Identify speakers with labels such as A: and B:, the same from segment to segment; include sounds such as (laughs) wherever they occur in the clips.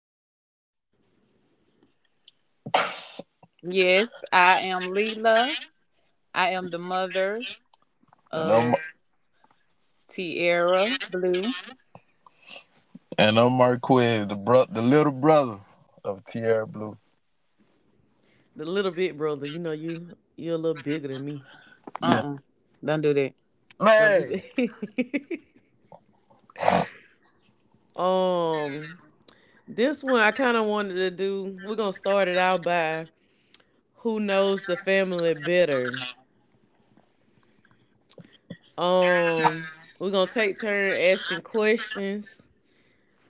A: yourselves?
B: Yes, I am Leela. I am the mother
C: And I'm
B: of Tierra Blue.
C: and I'm Marquez, the bro, the little brother of Tierra Blue.
A: The little bit brother, you know you're a little bigger than me.
C: Yeah,
B: Uh-uh. Don't do that.
A: Don't do
C: man,
A: that. (laughs) um, this one I kind of wanted to do. We're gonna start it out by who knows the family better. Um, we're gonna take turn asking questions,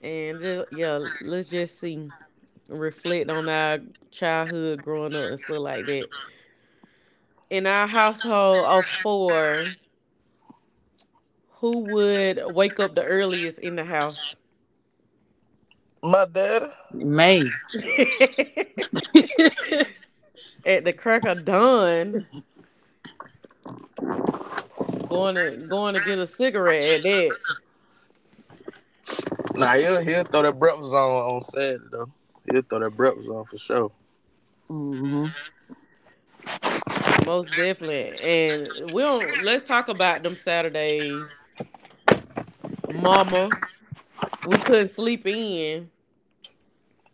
A: and yeah, let's just see. Reflect on our childhood growing up and stuff like that. In our household of four, who would wake up the earliest in the house?
C: my daddy.
B: Man.
A: (laughs)
B: (laughs)
A: At the crack of dawn, going to get a cigarette at that.
C: Nah, he'll throw that breakfast on Saturday though. He'll throw that breakfast on for sure.
B: Hmm.
A: Most definitely. And we don't, let's talk about them Saturdays. Mama, we couldn't sleep in.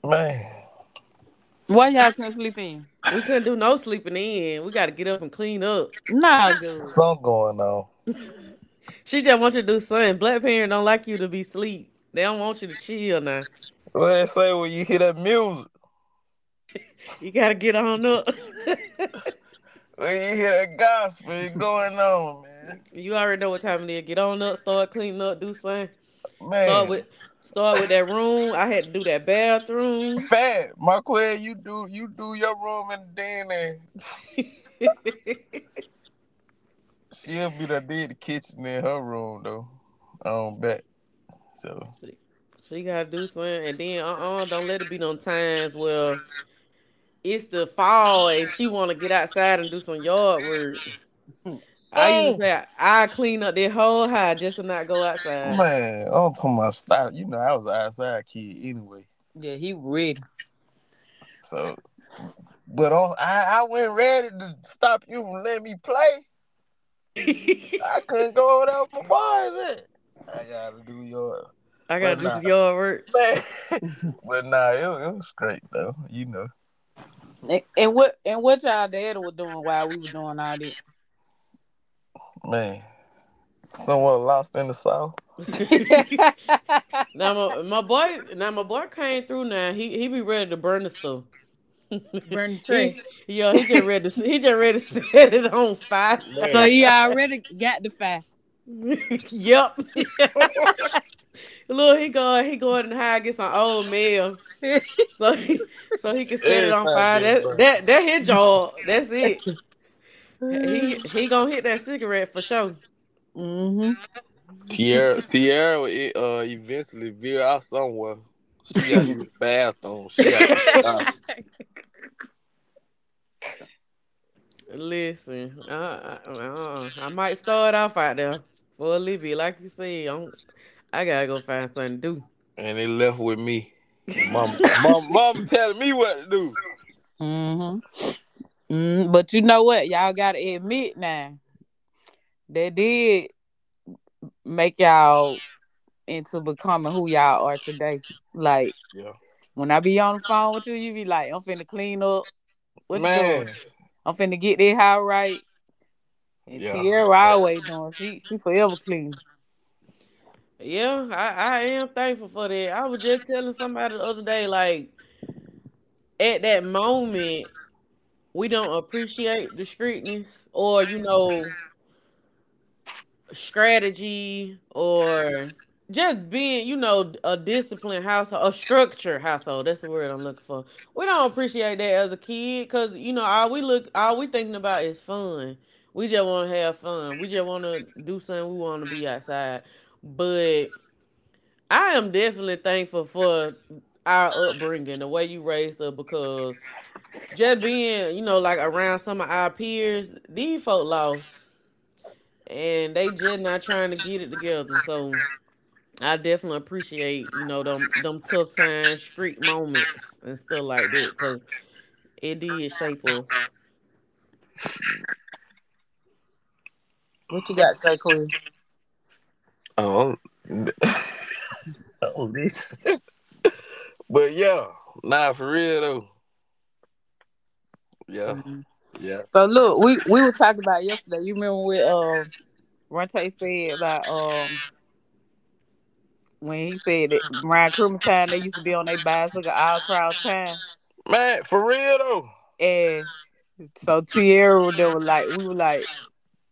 C: Man,
B: Why y'all couldn't sleep in?
A: We couldn't do no sleeping in. We gotta get up and clean up.
B: Nah, good.
C: something going on.
A: She just wants you to do something. Black parents don't like you to be sleep. They don't want you to chill now.
C: What they say when you hear that music,
A: You gotta get on up.
C: when you hear that gospel, it going on, man.
A: (laughs) You already know what time it is. Get on up, start cleaning up, do something. Start with
C: Man,
A: start with that room. I had to do that bathroom.
C: Fat Marquez, you do your room and then and
A: (laughs) she,
C: she'll be the kitchen in her room though. I don't bet. So.
A: she gotta do something. And then do not let it be no times where it's the fall and she wanna get outside and do some yard work.
B: Mm.
A: I used to
C: Mm.
A: say I clean up that whole house just to not go outside. (laughs)
C: Man, I'm talking about stop. You know, I was an outside kid anyway.
B: Yeah, he ready.
C: So, but on, I wasn't ready to stop you from letting me play. I couldn't go without my boys at. I gotta do your,
A: I gotta
C: but
A: do
C: nah,
A: some yard work.
C: (laughs) man.
B: And,
C: But nah, it was straight though. You know,
B: and what y'all daddy was doing while we were doing all that?
C: man. Someone lost in the south.
A: (laughs)
B: (laughs)
A: Now my boy came through. Now he be ready to burn the stuff.
B: Burn the
A: (laughs)
B: tree.
A: He yo, he just ready to (laughs) set it on fire.
B: So
C: Man,
B: he already got the fire.
A: (laughs) Yep.
B: (laughs)
A: (laughs) Look, he going and hide get some old mail so he so he can set it on
C: everything
A: fire.
C: getting
A: That his job. That's it. He gonna hit that cigarette for sure.
B: Mm-hmm.
C: Tierra. Tierra will, eventually veer out somewhere. She got to use the bathroom. She got to do
A: (laughs)
C: something.
B: (laughs)
A: Listen, I might start off out there for a little bit. Like you said, I gotta go find something to do.
C: And they left with me. And mama telling me what to do.
B: Mm-hmm. Mm, but you know what? Y'all gotta admit now they did make y'all into becoming who y'all are today. Like
C: Yeah,
B: when I be on the phone with you, you be like, "I'm finna clean up. What you doing?
C: man.
B: I'm finna get that house right." And
C: Yeah.
B: Tierra always doing. She forever clean.
A: Yeah, I am thankful for that. I was just telling somebody the other day, like, at that moment, we don't appreciate the strictness or, you know, strategy or just being, you know, a disciplined household, a structured household. That's the word I'm looking for. We don't appreciate that as a kid because you know all we thinking about is fun. We just want to have fun. We just want to do something. We want to be outside. But I am definitely thankful for our upbringing, the way you raised us, because just being, you know, like around some of our peers, these folk lost and they just not trying to get it together. So I definitely appreciate you know them tough times, street moments, and stuff like that because it did shape us.
B: What you got to say, Queen?
C: Um. Oh, this. But yeah, nah, for real though. Yeah,
B: Mhm.
C: yeah.
B: So look, we were talking about yesterday. You remember what Ronte said about when he said that around Christmas time they used to be on their bicycle all crowd time.
C: Man, for real though.
B: And. So Tierra they were like, we were like,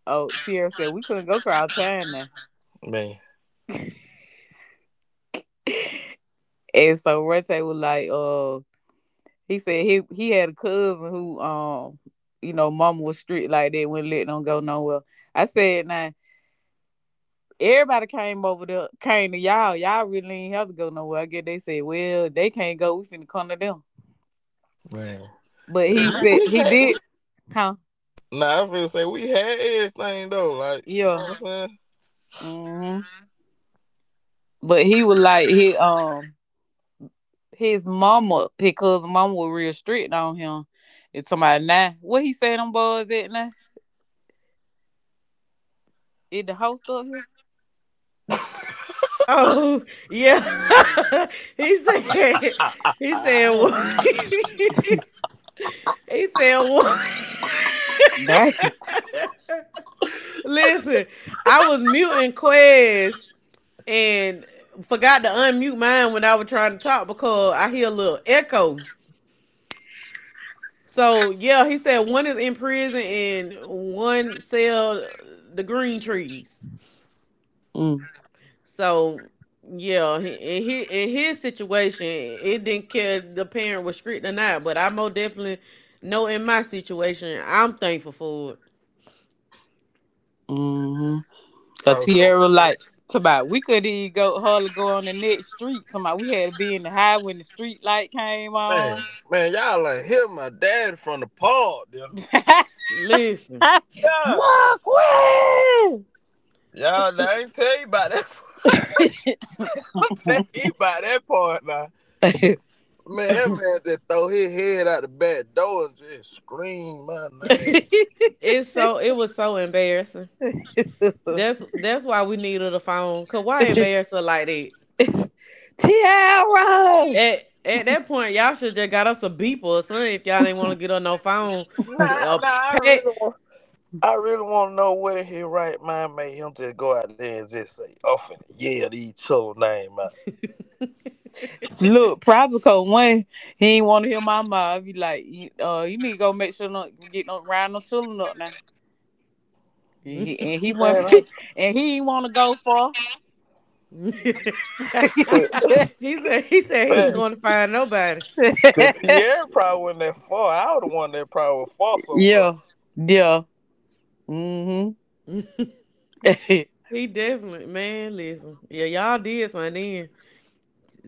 B: oh, Tierra said we couldn't go crowd time now.
C: Man,
B: (laughs) And so Rete was like, he said he had a cousin who, mama was strict like that, wouldn't let them go nowhere. I said, now everybody came over to came to y'all. Y'all really ain't have to go nowhere. I guess they said, well, they can't go. We finna come to them.
C: man.
B: But
C: We,
B: he said
C: we
B: he
C: had.
B: did, huh?
C: Nah, I feel say we had everything though. Like, you know
B: Yeah.
C: what I'm saying?
B: Hmm. But he was like, he. His mama, his cousin mama was real strict on him. And somebody now, what he said them boys at now? Is the host up here?
A: Oh yeah, (laughs) he said he said one.
B: Yeah.
A: (laughs) He said one. (laughs)
B: Right.
A: Listen, I was muting Quez and forgot to unmute mine when I was trying to talk because I hear a little echo. So yeah, he said one is in prison and one sell the green trees.
B: Mm.
A: So yeah, he, in his situation, it didn't care if the parent was strict or not. But I most definitely know in my situation, I'm thankful for it.
B: Mm-hmm. Cause
C: Oh,
B: Tierra like somebody we couldn't even go hardly go on the next street. Somebody we had to be in the high when the street light came
C: man,
B: on.
C: man, y'all like hit my dad from the park, yeah.
B: (laughs)
A: Listen,
C: Yeah.
B: Mark Marquis!
C: Y'all, I ain't tell you about that. (laughs) I tell you about that part now. Man, that man just throw his head out the back door and just scream my
B: (laughs)
C: name.
A: it's so it was so embarrassing. That's why we needed a phone. Cause why embarrass her like that?
B: Tiara!
A: At that point, y'all should just got us a beeper or something if y'all didn't want to get on no phone. S-
B: (laughs)
C: Nah,
A: A
C: nah,
A: pad,
C: I really want to know what in his right mind made him just go out there and just say, "I'm finna yell these children name out."
B: Look, probably cause one, he ain't want to hear my mouth. He like, you need to go make sure not get no round no children up now. And he,
A: (laughs)
B: and he went,
C: Man,
B: (laughs)
C: I
B: and he ain't want to go for.
A: (laughs)
C: could,
A: he said he ain't
C: man,
A: gonna find nobody.
C: cause Tierra probably wasn't that far. I would have one that probably was far
B: (laughs)
C: somewhere.
B: Yeah, yeah, mhm.
A: (laughs)
B: (laughs)
A: He definitely man, listen. Yeah, y'all did something then.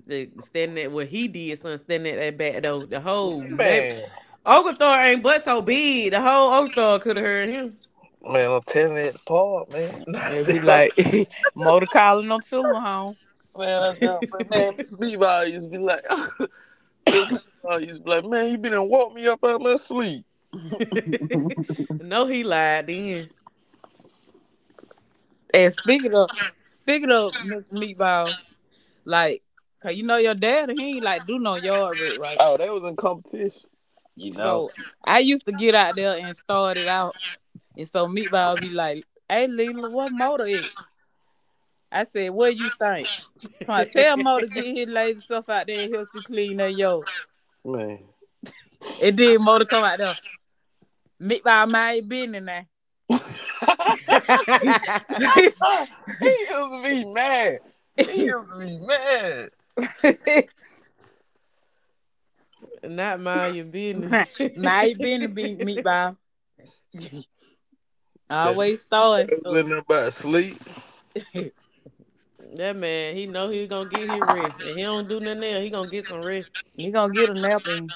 A: The standing at what he did something standing at that back though. The whole neighbor
C: Man,
A: Oglethorpe ain't but so big. The whole Oglethorpe could have heard him.
C: man, I'm telling you, at the park, man.
B: They be like,
C: (laughs)
B: (laughs) motor calling no children home.
C: Man, I just, man, Miss Levi used to be like, (laughs) Miss Levi used to be like, man, you been and woke me up out of my sleep.
A: (laughs) No, he lied then.
B: And speaking of Miss Meatballs, like, cause you know your dad, he ain't like do no yard work, right?
C: Oh, they was in competition. You know,
B: So I used to get out there and start it out. And so Meatball be like, hey, Leela, what motor it? I said, what you think? So I tell Motor
A: (laughs)
B: get his lazy stuff out there and help you clean that yard.
C: man.
B: And then Motor come out there, Meatball, my business now.
C: (laughs) He used to be mad. He used to be mad.
A: Not mind your business.
B: (laughs) Now you
A: (laughs)
B: been to be Meatball.
C: 'Cause
B: Always throwing
C: he was in
B: stuff.
C: there about sleep.
B: (laughs) You
A: That man, he know he gonna get his rest. And he don't do nothing else, he gonna get some rest.
B: gonna get a nap in.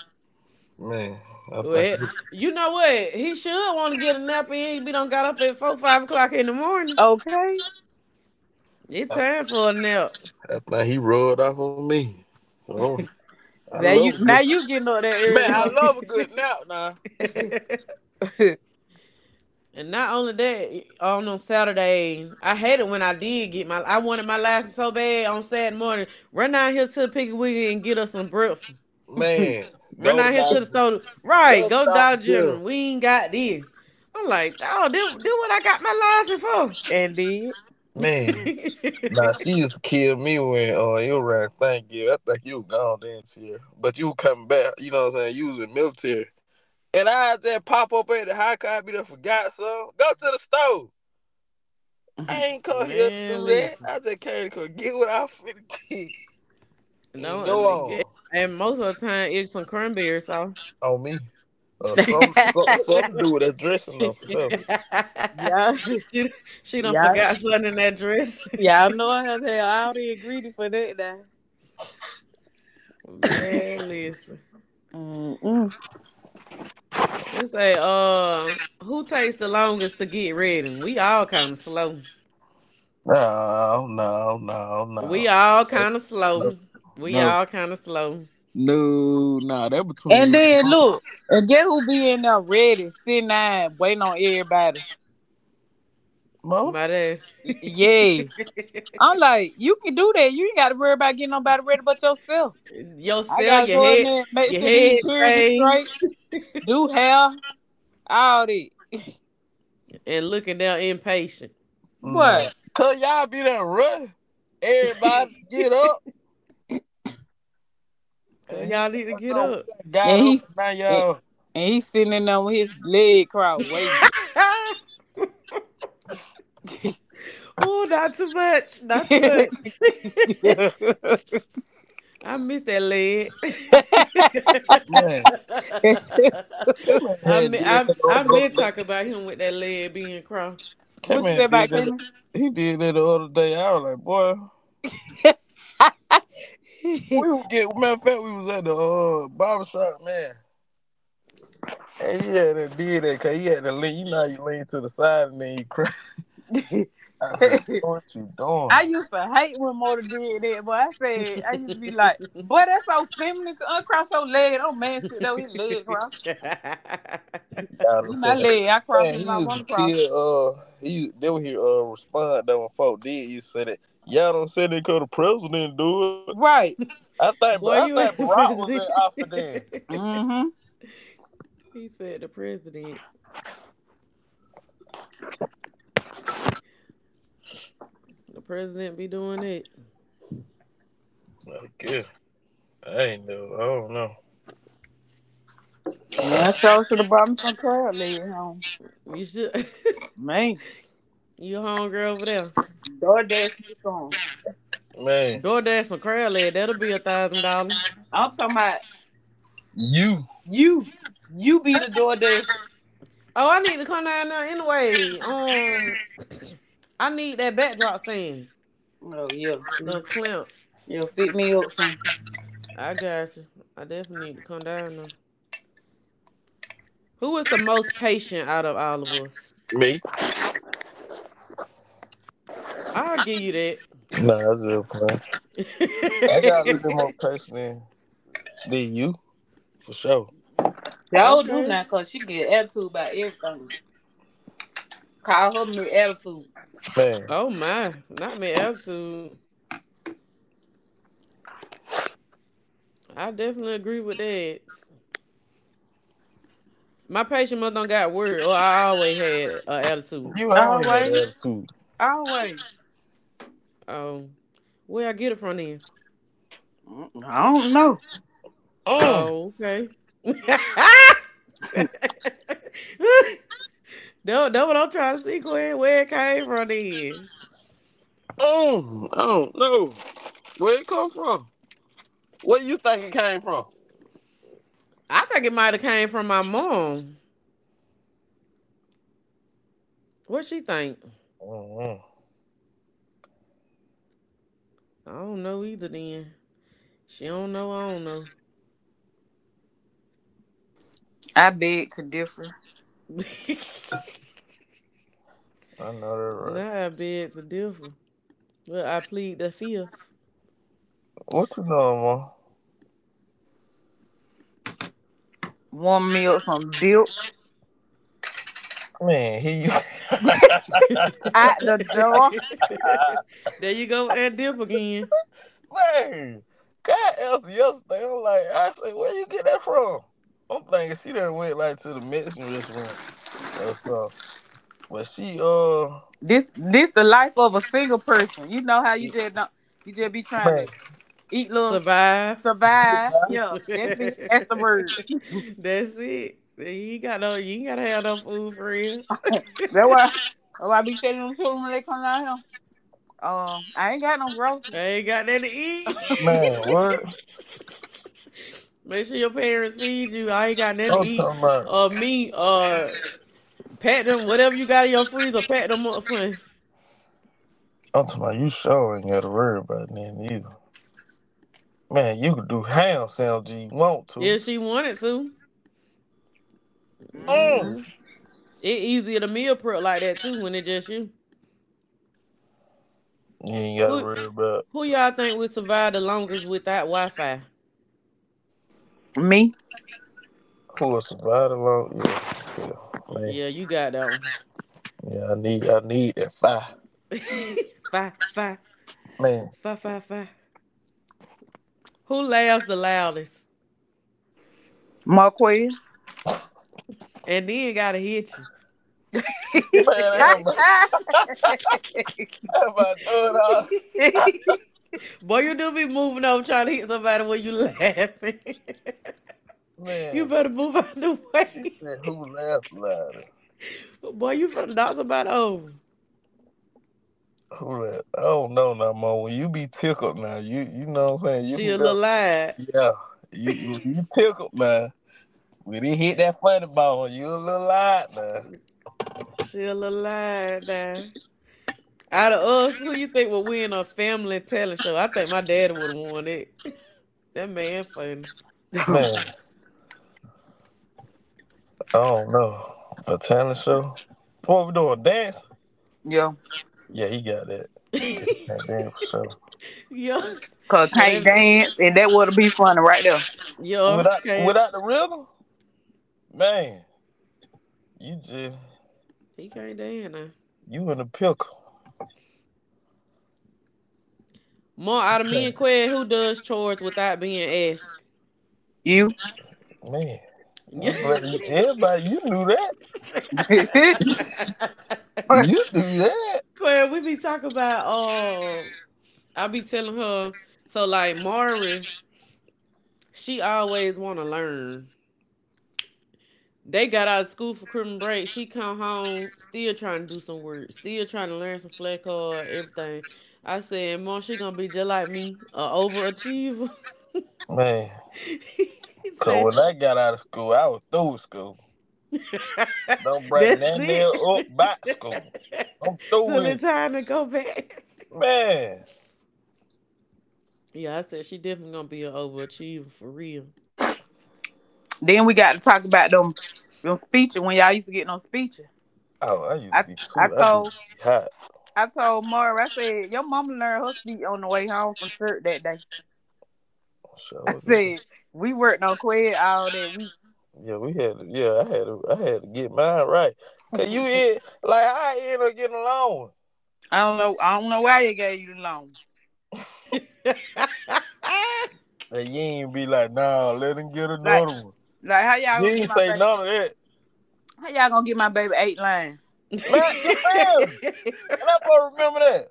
C: Man, I
A: Well,
C: think he,
A: you know what? He should want to get a nap in. He done got up at four, 5 o'clock in the morning.
B: Okay.
A: It's
C: I,
A: time for a nap.
C: I think he rolled off on me. Oh, I
B: Now
C: love
B: you
C: a good
B: now you getting up that
C: man. I
B: early,
C: love a good nap now.
A: (laughs)
B: huh?
A: And not only that, on Saturday, I hated when I did get my. I wanted my license so bad on Saturday morning. Run down here to the Piggly Wiggly and get us some breakfast.
C: Man,
A: Run
C: go to
A: down here to the
C: Dollar,
A: store. Right,
C: go to
A: go to
C: Dollar
A: Dollar
C: General.
A: General. We ain't got this. I'm like, oh, do what I got my license
B: (laughs) And then
C: Man, nah, she
A: for.
C: used to kill me when you ran thank you. I think you were gone then year. But you come back, you know what I'm saying? You was in military. And I had that pop up at the high car, I be there forgot some. Go to the store. I ain't
A: (laughs)
C: come here to
A: Man,
C: do that.
A: listen.
C: I just came to come get what I finna (laughs) get and
A: Don't
C: go
A: nigga,
C: on.
A: and most of the time it's some cranberry sauce.
C: On me. Or something
B: (laughs)
C: something to do with that dressing
A: (laughs)
C: up for
A: she
C: sure.
B: yeah,
A: d- she done
B: yeah,
A: forgot something in that dress.
B: yeah. I know how the hell I have all already ingredients for that now.
A: (laughs)
B: (laughs)
A: Man, listen.
B: Mm-mm.
A: It say, who takes the longest to get ready? We all kind of slow.
C: No, no, no,
A: We
C: no.
A: all kind of
C: No.
A: slow. We
C: No.
A: all kind of slow.
C: No, nah, that between
B: And
C: you
B: then
C: and
B: look, and get who be in there ready, sitting down, waiting on everybody.
C: Mo.
A: My dad.
B: Y-
A: (laughs)
B: yes. I'm like, you can do that. You ain't gotta worry about getting nobody ready but yourself.
A: your
B: I
A: cell,
B: gotta
A: your
B: go in
A: head,
B: there and make
A: your
B: sure
A: head
B: these chairs are
A: thing,
B: straight, do hair, all that.
A: and looking down impatient.
C: No.
B: What?
C: Cause y'all be that rush.
A: (laughs)
C: Everybody get up
A: Cause
C: and here
A: y'all need to
C: y'all
A: get
C: go. We
A: up.
C: done got
B: And
C: up
B: he's
C: and now
B: and,
C: y'all
B: and he's sitting in there with his leg crossed waiting.
A: (laughs)
B: (laughs)
A: Oh, not too much. Not too much. (laughs) I miss that leg.
C: man. Came in
A: (laughs) I
C: had
A: mi-
C: did that the
A: I
C: other
A: meant
C: day.
A: talk about him with that leg being crossed.
B: What
C: Came
B: you say
C: in did
B: about
C: that.
B: Cayman?
C: He did that the other day. I was like, boy, we was get matter of fact we was at the barber shop, man. And he had to did that cause he had to lean you know how you lean to the side and then you cry. (laughs) I said,
B: (laughs)
C: bro, what you doing?
B: I used to hate when Motor did that, but I said I
A: (laughs)
B: used to be like, "Boy, that's so feminine. Uncross your leg. Don't man sit there with his leg crossed.
C: I done
B: Be my
C: said that.
B: leg. I cross
C: Man,
B: me when
C: he
B: I
C: used
B: want
C: to
B: to cross."
C: kid. He then when he respond though when folk did, you said it. Y'all don't say they could the president do it.
B: Right.
C: I think I
A: Boy,
C: think
A: you ain't the
C: Barack was in
A: president.
C: office then.
B: Mm-hmm.
A: (laughs) He said the president. The president be doing it.
C: Like yeah, I ain't know. I don't know.
B: Man, so should have brought me some crab leg home.
A: You should.
B: Man,
A: (laughs) You hungry over there?
B: DoorDash me some.
C: Man,
A: DoorDash some crab leg. That'll be $1,000.
B: I'm talking about
C: you
B: you. You be the DoorDash.
A: Oh, I need to come down there anyway. I need that backdrop stand.
B: Oh yeah.
A: Them clamp.
B: You'll fit me up some.
A: I got you. I definitely need to come down now. Who is the most patient out of all of us?
C: me?
A: I'll give you that.
C: Nah, I just playing.
A: (laughs)
C: I got a little bit more patience than you for sure.
B: Y'all do
A: Okay.
B: now, cause she get attitude about everything. Call her me attitude.
C: Man,
A: Oh my. Not my attitude. I definitely agree with that. My patient mother don't got word. Oh, I always had an attitude.
C: you always had
B: Always.
C: that attitude.
B: Always.
A: Um, where I get it from then?
B: Mm, I don't know.
C: Mm,
A: Oh, okay. (laughs) That what I'm trying to see Quinn, where it came from then.
C: I don't know where it come from. Where you think it came from?
A: I think it might have came from my mom. What she think?
C: Mm-hmm.
A: I don't know either then. She don't know, I don't know.
B: I beg to differ.
C: I know that
A: (laughs)
C: right.
A: Nah, I bet to differ. Well, I plead the fifth.
C: What you know,
B: Warm milk from Dilk.
C: man? Man, he you (laughs)
B: Out the door.
A: (laughs) There you go with that dip again.
C: Man, God asked yesterday. I'm like, I said, where you get that from? I'm thinking she done went like to the Mexican restaurant or so. But she
B: This the life of a single person. You know how you just don't you just be trying
C: man,
B: to eat little
A: Survive.
C: get
B: survive.
C: back.
A: (laughs)
B: Yeah, that's it.
A: That's
B: That's the word.
A: it. You ain't got no, you ain't gotta have no food for real.
B: (laughs) That's why I be telling them children when they come down here. I ain't got no
A: I
B: groceries.
A: ain't got nothing to eat.
C: Man, what?
A: (laughs) (laughs) Make sure your parents feed you. I ain't got nothing to
C: I'm
A: eat.
C: talking about
A: Uh, me, uh, Pet them. Whatever you got in your freezer, pet them up, son.
C: I'm talking about you sure ain't gotta worry about nothing either. Man, you could do ham sandwich you want to.
A: If she wanted to.
C: Mm.
A: Mm.
B: Mm-hmm.
A: It easier to meal prep like that too when it just you.
C: You ain't gotta
A: Who
C: worry about
A: who y'all think would survive the longest without Wi-Fi?
B: Me,
C: who will survive alone. Yeah, yeah. Man.
A: Yeah, you got that one.
C: Yeah, I need that fire.
A: (laughs) Fi fi
C: Man.
A: fi. Who laughs the loudest?
B: Marquez.
A: And then gotta hit
C: Man, ain't nobody,
A: you.
B: (laughs)
C: ain't nobody doing all
A: (laughs)
C: (laughs)
A: Boy, you do be moving over trying to hit somebody when you laughing. (laughs) You
C: Man.
A: better move out the way.
C: Said who laughed louder?
A: (laughs) Boy, you finna knock somebody over.
C: Who laughed? I don't know no more. When you be tickled now, you know what I'm saying? You
A: She
C: can
A: a
C: go.
A: little lied.
C: Yeah. You tickled man. When it hit that funny bone, you a little loud now.
A: She a little lied now. Out of us, who you think would win a family talent show? I think my daddy would have won it. (laughs) That man funny.
C: Man, I don't know. A talent show? What we doing? Dance?
B: Yeah,
C: Yeah, he got that. Got that dance for sure.
A: (laughs) Yeah.
B: cause
A: Got
B: can't
A: that
B: dance, and that would be funny right there.
A: yeah,
C: Without
A: can't
C: without the rhythm? Man, you just
A: he can't dance now.
C: you in a pickle.
A: More out of me and Qued, who does chores without being asked?
B: You.
C: Man, I'm
A: Yeah.
C: glad you, everybody, you knew that.
A: (laughs)
C: You
B: (laughs)
C: knew that.
A: Claire, we be talking about oh I be telling her so like Mari, she always wanna learn. They got out of school for criminal break. She come home still trying to do some work, still trying to learn some flat card, everything. I said, Mom, she gonna be just like me, a overachiever.
C: Man,
A: (laughs) He
C: because
A: said,
C: when I got out of school, I was through with school. Don't bring
A: that's
C: that nail up
A: it.
C: by school. I'm
A: (laughs)
C: through
A: Till
C: with it.
A: it's time to go back.
C: Man.
A: Yeah, I said she definitely gonna be an overachiever for real.
B: Then we got to talk about them speeches when y'all used to get no speeches.
C: Oh, I used to
B: I
C: be
B: I
C: cool. I be
B: told
C: hot.
B: I told Mara, I said, "Your mama learned her speech on the way home from church that day." (laughs) I
C: Showed it.
B: said, we worked on quid all that week.
C: Yeah, we had to, yeah, I had to get mine right. Cause you in, like, I end up getting alone.
B: I don't know why they gave you the loan.
A: (laughs)
C: And you ain't be like, nah, let him get
B: Like
C: another one.
B: like how y'all
C: You
B: gonna get
C: ain't
B: my
C: say
B: baby
C: none of that.
B: how y'all gonna get my baby eight lines?
C: Man, you
A: (laughs)
C: feel me? And I'm supposed to remember that.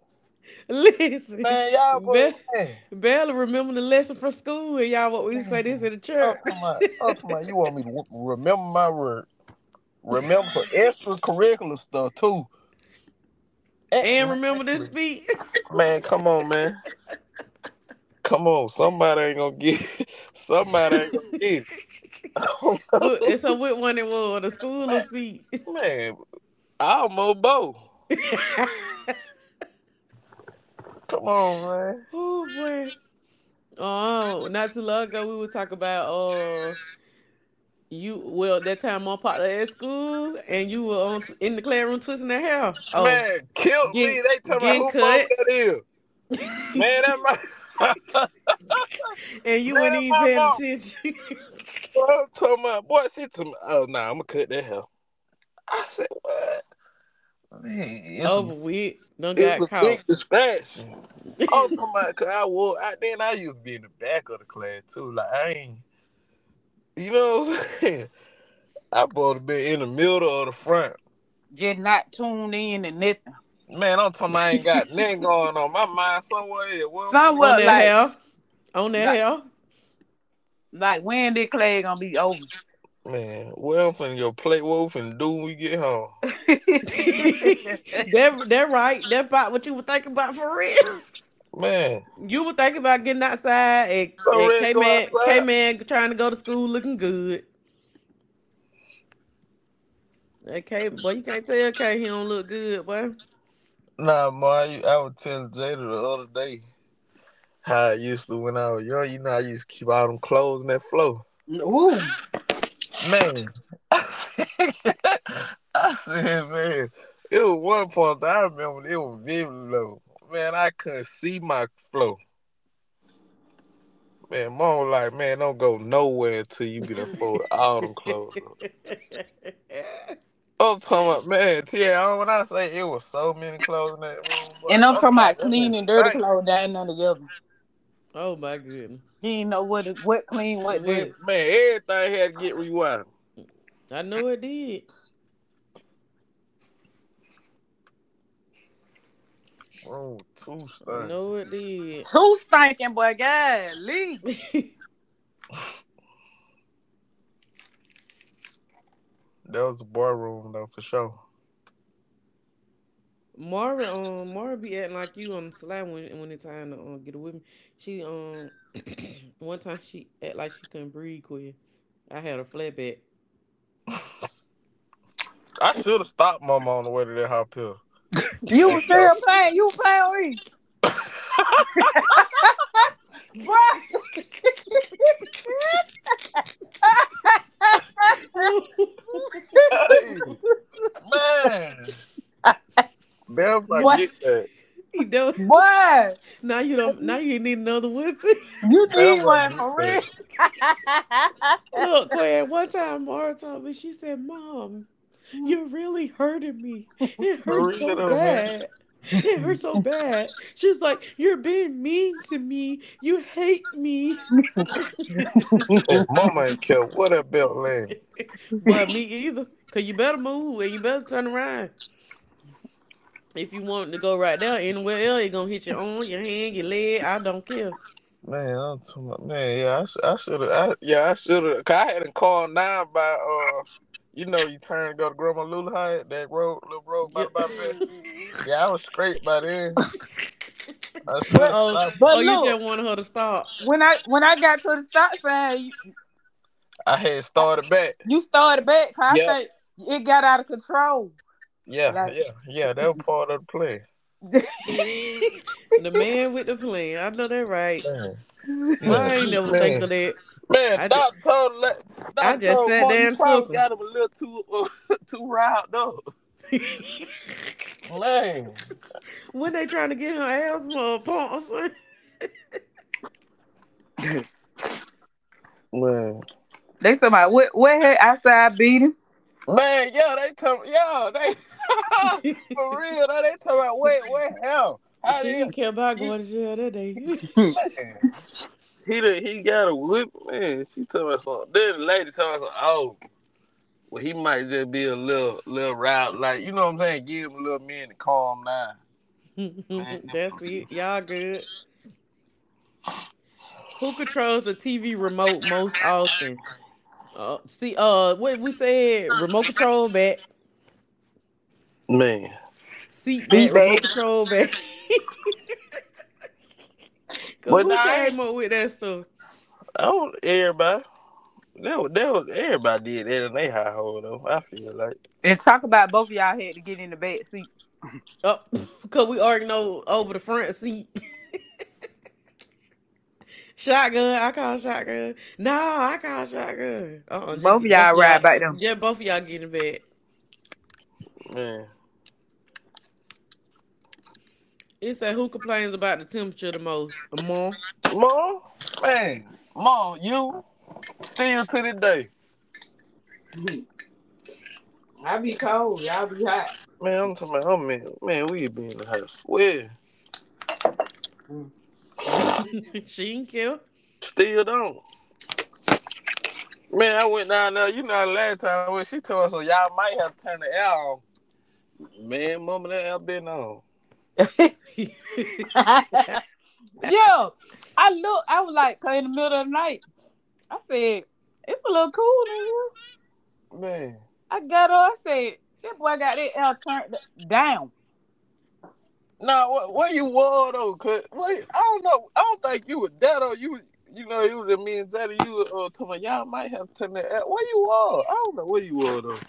A: Listen,
C: Man, y'all boy,
A: Be-
C: man,
A: Bella remember the lesson from school, and y'all what we say
C: man.
A: this in the
C: I'm
A: church.
C: talking about, I'm talking about you want me to remember my word. Remember for extracurricular stuff too.
A: (laughs) And
C: Man,
A: remember this speech.
C: man, come on, man. Come on. Somebody ain't gonna get it. (laughs) Somebody ain't gonna
A: (laughs)
C: get it. (laughs)
A: And so what one it was, the
C: Oh,
A: school of
C: man,
A: speech.
C: man, almost both.
A: (laughs)
C: Come on, man.
A: Oh boy. Oh, not too long ago we would talk about you well that time my partner at school and you were on in the classroom twisting their hair. Oh,
C: Man, killed me.
A: getting
C: They tell me
A: getting
C: who mama
A: cut.
C: that is. Man, that my (laughs) man,
A: And you weren't
C: that my
A: even paying
C: mama.
A: attention. (laughs)
C: Boy, I'm talking about, boy, she told me, oh, nah, I'm gonna cut that hell. I said, what? Man, it's a
A: Over with. Done
C: it's
A: got
C: a
A: caught.
C: big distraction. I'm talking about cause I used to be in the back of the class too. Like I ain't you know what I'm saying? (laughs) I supposed to be in the middle or the front.
B: Just not tuned in and nothing.
C: Man, I'm talking about I
A: (laughs)
C: ain't got nothing going on. My mind somewhere else. Where I'm finna
A: On
B: Somewhat
A: that
B: like
A: hell. On that
B: like
A: hell.
B: like when this clay gonna be over.
C: go. Man, where I'm finna go play what we finna do when we get home.
A: (laughs)
B: (laughs)
A: That that right. That about what you were thinking about for real. (laughs)
C: Man.
A: You were thinking about getting outside
C: So
A: and
C: ready to
A: K
C: go
A: Man K
C: outside?
A: Man trying to go to school looking good. Okay, boy, you can't tell K he don't look good, boy.
C: Nah, ma, you, I was telling Jada the other day how I used to when I was young, you know I used to keep all them clothes in that flow.
B: Ooh.
C: Man, (laughs) I said, man, it was one point that I remember it was very low. Man, I couldn't see my flow. Man, mom was like, man, don't go nowhere until you be done fold all them clothes up.
A: (laughs)
C: I'm talking about, man, TL, when I say it was so many clothes in that room,
B: And
C: but
B: I'm talking
C: I'm
B: about clean and dirty
C: stank.
B: clothes down there together.
A: Oh my goodness.
B: He ain't know what clean, what dirty.
A: What
C: Man, everything had to get rewired.
A: I know it did.
C: Room two
A: I
C: stank.
A: know it
B: Too stinking, boy. Golly.
A: did. (laughs)
C: That was the boy room, though, for sure.
A: Mara, Mara be acting like you on the slide when it's time to get with me. She (clears throat) One time she act like she couldn't breathe. Quick, I had a flatback. (laughs)
C: I should have stopped mama on the way to that hot pill
B: You
C: and
B: was
C: told,
B: still playing. You were playing with me, boy. (laughs)
C: (laughs) hey, man. Never I
B: Boy.
A: Mar-
C: get that.
A: you know,
B: Boy.
A: now you don't. Now you need another whipping.
B: You need
C: Never I
B: one
C: get
B: for real.
C: that.
A: (laughs) Look, Quinn, one time Mara told me, she said, Mom, you're really hurting me. It
C: For
A: hurts
C: real
A: so
C: though, man.
A: bad. It hurts so bad. She was like, You're being mean to me. You hate me.
C: Hey,
B: (laughs) (laughs)
C: mama ain't care what that belt land.
A: (laughs) But me either. Cause you better move and you better turn around. If you want to go right there, anywhere else, it gonna hit your arm, your hand, your leg. I don't care.
C: Man, I'm talking about, man, yeah, I, sh- I should have, I, yeah, I should have, cause I hadn't called nine by, you know, you turn to go to Grandma Lula High, that road, little road by
A: Yeah.
C: the bypass. Yeah, I was straight by then. I should
A: (laughs)
B: But
C: have
A: oh,
C: stopped.
B: but
A: oh, you just
B: look,
A: wanted her to stop.
B: when I got to the stop sign, you,
C: I had
B: I,
C: started back.
B: you started back. 'Cause I
C: Yeah.
B: think it got out of control.
C: Yeah,
B: Like
C: yeah, yeah, that was part of the play.
A: (laughs) The man with the plan. I know that right.
C: Man,
A: Why
C: man,
A: I ain't never think
C: man.
A: of that?
C: Man,
A: I just, I
C: Doctor
A: just
C: told
A: sat
C: Mark, you
A: there and
C: probably
A: took him.
C: got him a little too (laughs) too riled up.
A: (laughs)
C: Man,
A: When they trying to get her asthma or pump or something.
C: man,
B: (laughs) they somebody what had outside beating?
C: man, yeah, they tell yo, they (laughs)
A: (laughs)
C: for real, though, they talking about wait, what hell? How did
A: She kept by
C: he
A: going to jail that day.
B: (laughs)
C: man? He got a whip, man. She told me something. Then the lady told me something. Oh, well, he might just be a little riled, like you know what I'm saying. Give him a little minute to calm down,
A: (laughs)
C: man.
A: That's it. Y'all good. Who controls the TV remote most often? What we said, remote control back,
C: Man,
A: seat back,
B: Seat
A: remote
B: back
A: control back. (laughs) Cause
C: but nah,
A: who
C: I ain't.
A: came up with that stuff?
C: I don't everybody. That was everybody did that in their high hole though. I feel like
B: and talk about both of y'all had to get in the back seat.
A: Oh, (laughs) cause we already know over the front seat. (laughs) Shotgun, I call shotgun. No, I call shotgun. Just
B: Both of
A: get both of
B: y'all
A: y'all,
B: ride back there.
A: just both of y'all get in bed.
C: man,
A: It say who complains about the temperature the most? More.
C: ma, man, ma, you still to this day,
B: I be cold. Y'all be hot.
C: man. I'm talking about, oh man, man, we be in the house. Well,
B: Mm.
A: (laughs) She ain't cute.
C: still don't. Man, I went down there. You know, the last time when she told us, so y'all might have turned the air on. Man, mama, that air been on.
B: (laughs)
A: (laughs)
B: Yeah, I look. I was like in the middle of the night, I said, it's a little cool in here.
C: Man.
B: I got on. I said, that boy got that L turned down.
C: Nah, what you wore though? Cause wait, I don't know. I don't think you were that or You know, it was just me and Zaddy. You was, to my y'all might have turned that out. What you wore? I don't know what you wore though.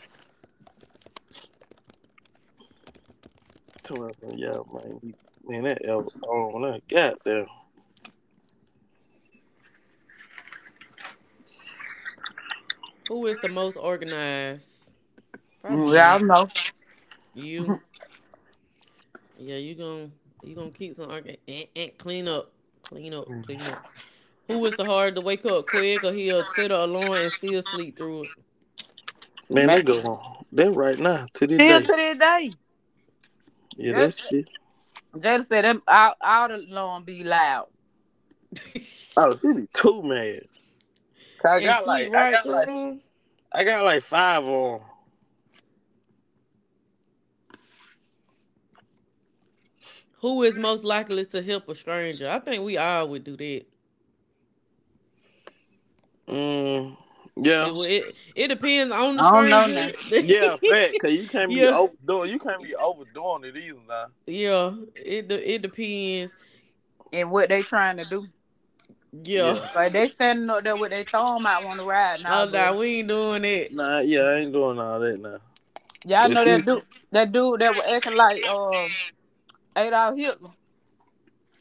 C: To my son, y'all might need, man, that L on that goddamn.
A: Who is the most organized? Probably
B: Mm,
A: more
B: y'all know.
A: you. Yeah, you gonna keep some clean up, clean
C: Mm.
A: up. Who is the hard to wake up quick, or he'll set an alarm and still sleep through
C: Man, they
B: Man.
C: go on. They right now to this
B: Still
C: day.
B: to this day.
C: Yeah,
B: Jada
C: that
B: said,
C: shit.
B: them, all the lawn be loud.
A: it,
C: Oh, she be too mad. 'Cause
A: (laughs) and sleep right through him?
C: I got like five on.
A: Who is most likely to help a stranger? I think we all would do that.
C: Mm, yeah,
A: It it depends on
B: I
A: the
B: don't know
A: stranger.
B: now.
C: yeah, fact. Cause you
A: (laughs)
C: can't be
A: Yeah,
C: overdoing. You can't be overdoing it either now.
A: yeah. It depends.
B: And what they trying to do.
A: Yeah.
C: Yeah.
B: Like they
A: (laughs)
B: standing up there with their thumb out on the ride now, nah,
A: Oh no,
B: brother.
A: we ain't doing it.
C: Nah, yeah, I ain't doing all that now.
B: Y'all
C: But
B: know
C: he-
B: that dude that was acting like Adolf Hitler.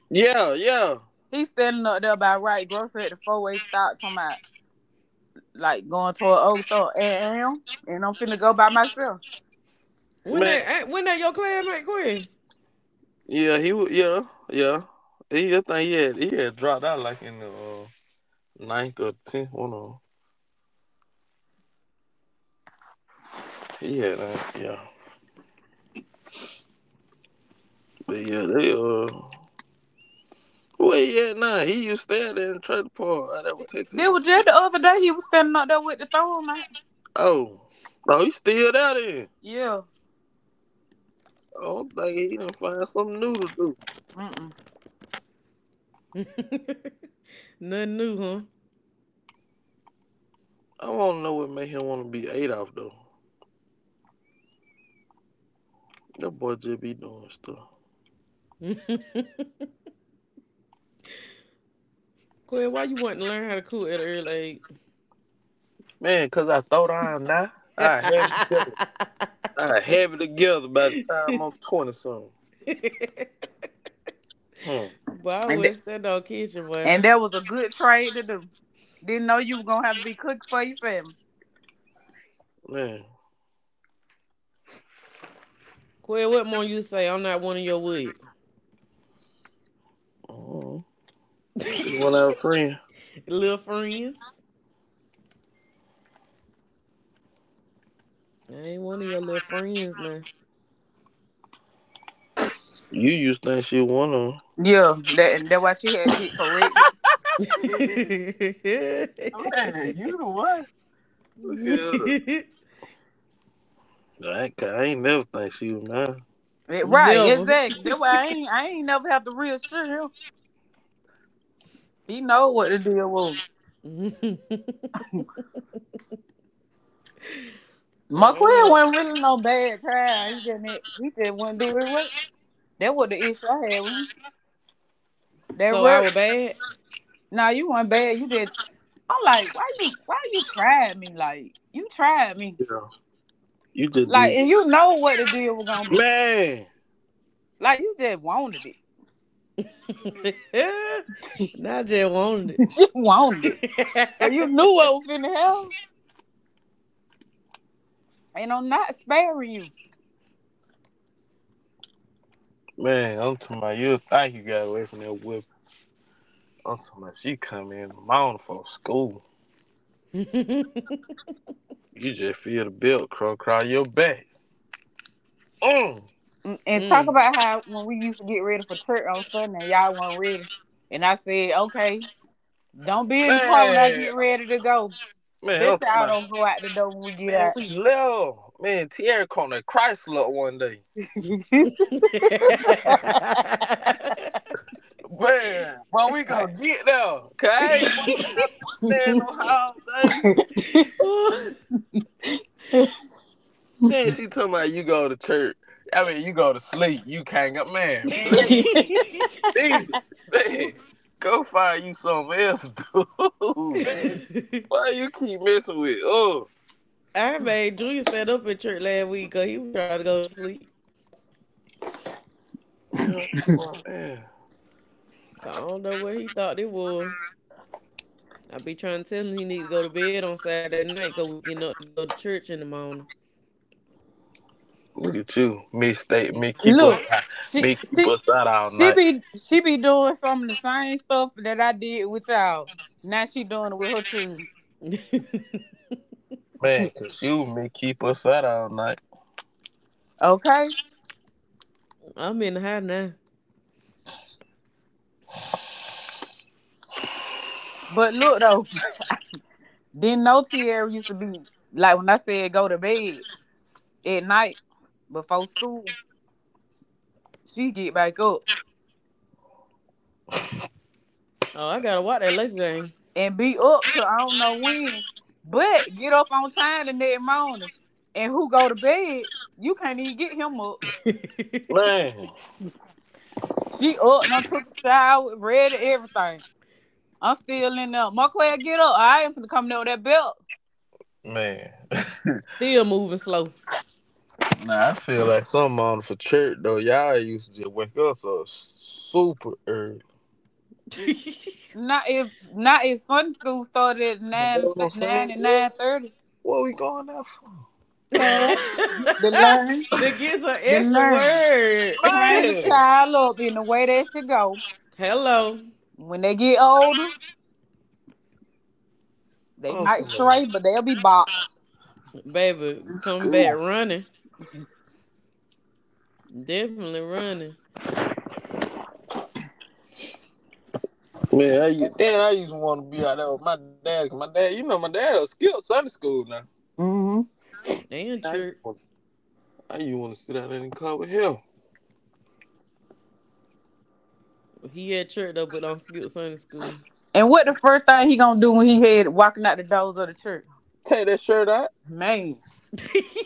C: yeah, yeah,
B: He's standing up there by right grocery at the four-way stop, talking about like going toward Oglethorpe and am, and I'm finna go by myself.
C: man,
A: When that your classmate Quinn?
C: yeah, yeah, yeah. He, I think he had dropped out like in the ninth or tenth one of 'em. He had that, yeah, but yeah, they where he at now? He used to stay out there in Trailer Park. I never texted
B: This
C: him.
B: was just the other day. He was standing up there with the thorn, man.
C: Oh, no, he still out there.
B: Yeah.
C: Oh, I'm thinking he didn't find something new to do.
B: Mm-mm.
A: (laughs) Nothing new,
C: I want to know what made him want to be Adolf though. That boy just be doing stuff,
A: huh? (laughs) Quinn, why you want to learn how to cook at an early
C: man. Cause I thought I am now.
A: age?
C: I have.
A: (laughs)
C: I have it together by the time I'm 20 something. Hmm,
A: Boy, I
B: And
A: would
B: th-
A: stand on kitchen,
B: and
A: boy.
B: that was a good trade to do. Didn't know you were gonna have to be cooking for your family.
C: man.
A: Quinn, what more you say? I'm not one of your wood.
C: mm She went
A: (laughs)
C: out free.
A: Little friends. I ain't one of your little friends now.
C: You used to think she was one.
B: Yeah, that and that's why she had to get corrected.
C: Man, you the one. Look at her.
A: (laughs)
C: I ain't never think she was mine.
B: Right,
A: Never.
B: exactly. That's why I ain't never have to reassure him. He know what the deal was.
A: (laughs)
B: McQueen
A: Uh-uh.
B: wasn't really no bad child. He just wouldn't do his work. That was the issue I had with him. That
A: So I
B: work.
A: was bad.
B: Now you weren't bad. You just I'm like, why you tried me? Like you tried me.
C: Yeah. You just
B: Like
C: did.
B: and you know what the deal was gonna be.
C: Man!
B: Like you just wanted it.
A: (laughs) Now I just
B: (laughs)
A: wanted
B: You wanted it. So you knew what
A: it.
B: was finna happen. And I'm not sparing you.
C: Man, I'm talking about you think you got away from that whip. I'm talking about she come in the morning for school. You just feel the belt crawl your back. Mm.
B: Mm,
A: (laughs)
B: And talk
A: Mm.
B: about how when we used to get ready for church on Sunday, y'all weren't ready. And I said, okay, don't be in the car when I
C: Man!
B: get ready to go.
C: Man,
B: Bet
C: I'm talking
B: y'all
C: about.
B: don't go out the door when we get
C: Man,
B: out.
C: we left. Man, Tierra Corner Chrysler one day.
A: (laughs)
C: Man, but we gonna
A: I-
C: get there, okay? Boy, I'm not
A: (laughs)
C: finna stay in no
B: (laughs)
C: house all day. Then she talking about you go to church. I mean, you go to sleep. You can't go. Man, please, please, man, go find you something else, dude. (laughs) Why you keep messing with? Oh,
A: I made Drew stand up at church last week because he was trying to go to sleep.
C: man, come on, man.
A: I don't know what he thought it was. I be trying to tell him he need to go to bed on Saturday night because we getting up to go to church in the morning.
C: Look at you,
A: He's
B: Look, she
C: me keep
B: she
C: us out all night,
B: she be doing some of the same stuff that I did with y'all. Now she doing it with her children.
A: (laughs)
C: man. Cause you, me keep us out all night.
B: Okay?
A: I'm in the high now.
B: But look though, didn't know Tierra used to be like when I said go to bed at night before school, she get back up
A: Oh, I gotta watch that Laker game.
B: and be up till I don't know when, but get up on time the next morning. And who go to bed, you can't even get him up.
A: (laughs)
C: Man,
B: She up, done took a shower, ready, everything. I'm still in there. Marquez, get up. I ain't finna come down with that belt.
C: man. (laughs)
A: Still moving slow.
C: Nah, I feel like something on for church though. Y'all used to just wake us up super early.
A: (laughs) To
B: Not if Sunday school started at
C: And that's
B: nine
C: what I'm
B: nine
C: saying.
B: and nine thirty.
C: What we going there for?
B: Cause they learn,
A: get some
B: they
A: extra
B: learn.
A: word.
B: Train the
C: Man,
B: child up in the way they should go.
A: (laughs) Hello,
B: When they get older, they
C: I'm talking
B: might
C: about
B: stray, but they'll be boxed.
A: baby, come back
C: school.
A: running.
B: (laughs)
A: Definitely running.
C: Man, I used to want to be out there with my dad. 'Cause my dad, you know, my dad will skip Sunday school now.
B: Hmm.
A: They in
C: I used,
A: church.
C: to- I used to want to sit out in the car with him.
A: He at church though, but on Skip Sunday school.
B: And what the first thing he gonna do when he head walking out the doors of the church?
C: Take that shirt out.
B: Man,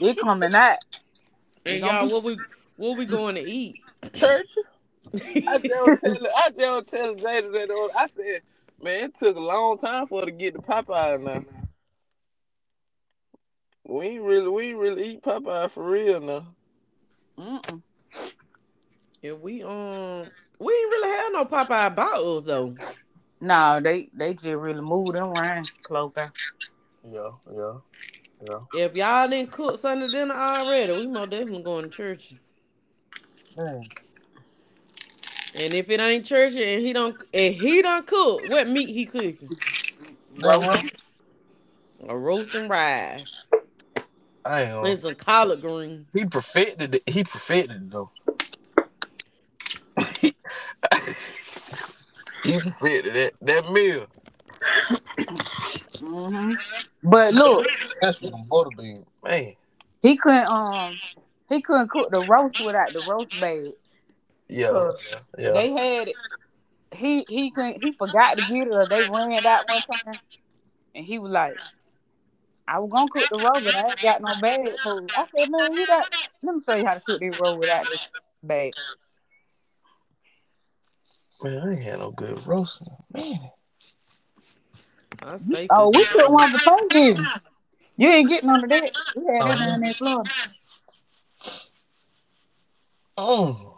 B: they coming out. It
A: And
B: gonna be.
A: y'all, what we going to eat?
C: Church.
A: (laughs)
C: I
A: If
C: don't tell I don't tell Jada that. I said, man, it took a long time for her to get to Popeye now. We ain't really eat Popeye for real now.
B: Mm-mm.
A: we um we ain't really have no Popeye about us though.
B: No, they just really moved them around, close by.
C: Yeah, yeah, yeah.
A: If y'all didn't cook Sunday dinner already, we most definitely going to church.
C: Man,
A: And if it ain't church and he don't cook, what meat he cooking?
C: that right.
B: Roast.
A: A roast and rice
C: I know.
A: and some collard green.
C: He perfected it. He perfected it though. (laughs) He perfected that meal,
B: Hmm. But look,
C: especially with them butter beans. Man,
B: he couldn't um he couldn't cook the roast without the roast bag.
C: yeah,
B: Cause
C: yeah, yeah.
B: they had it. He couldn't he forgot to get it or they ran it out one time and he was like, I was gonna cook the roast, but I ain't got no bag for it. I said, Man, you got let me show you how to cook this roast without this bag.
C: Man, I ain't had no good roasting. Man,
A: I stay
B: Oh,
A: cooking
B: we cooked
A: those.
B: one for Thanksgiving. You ain't getting none of that. We had that
C: um,
B: down there in Florida.
C: mm.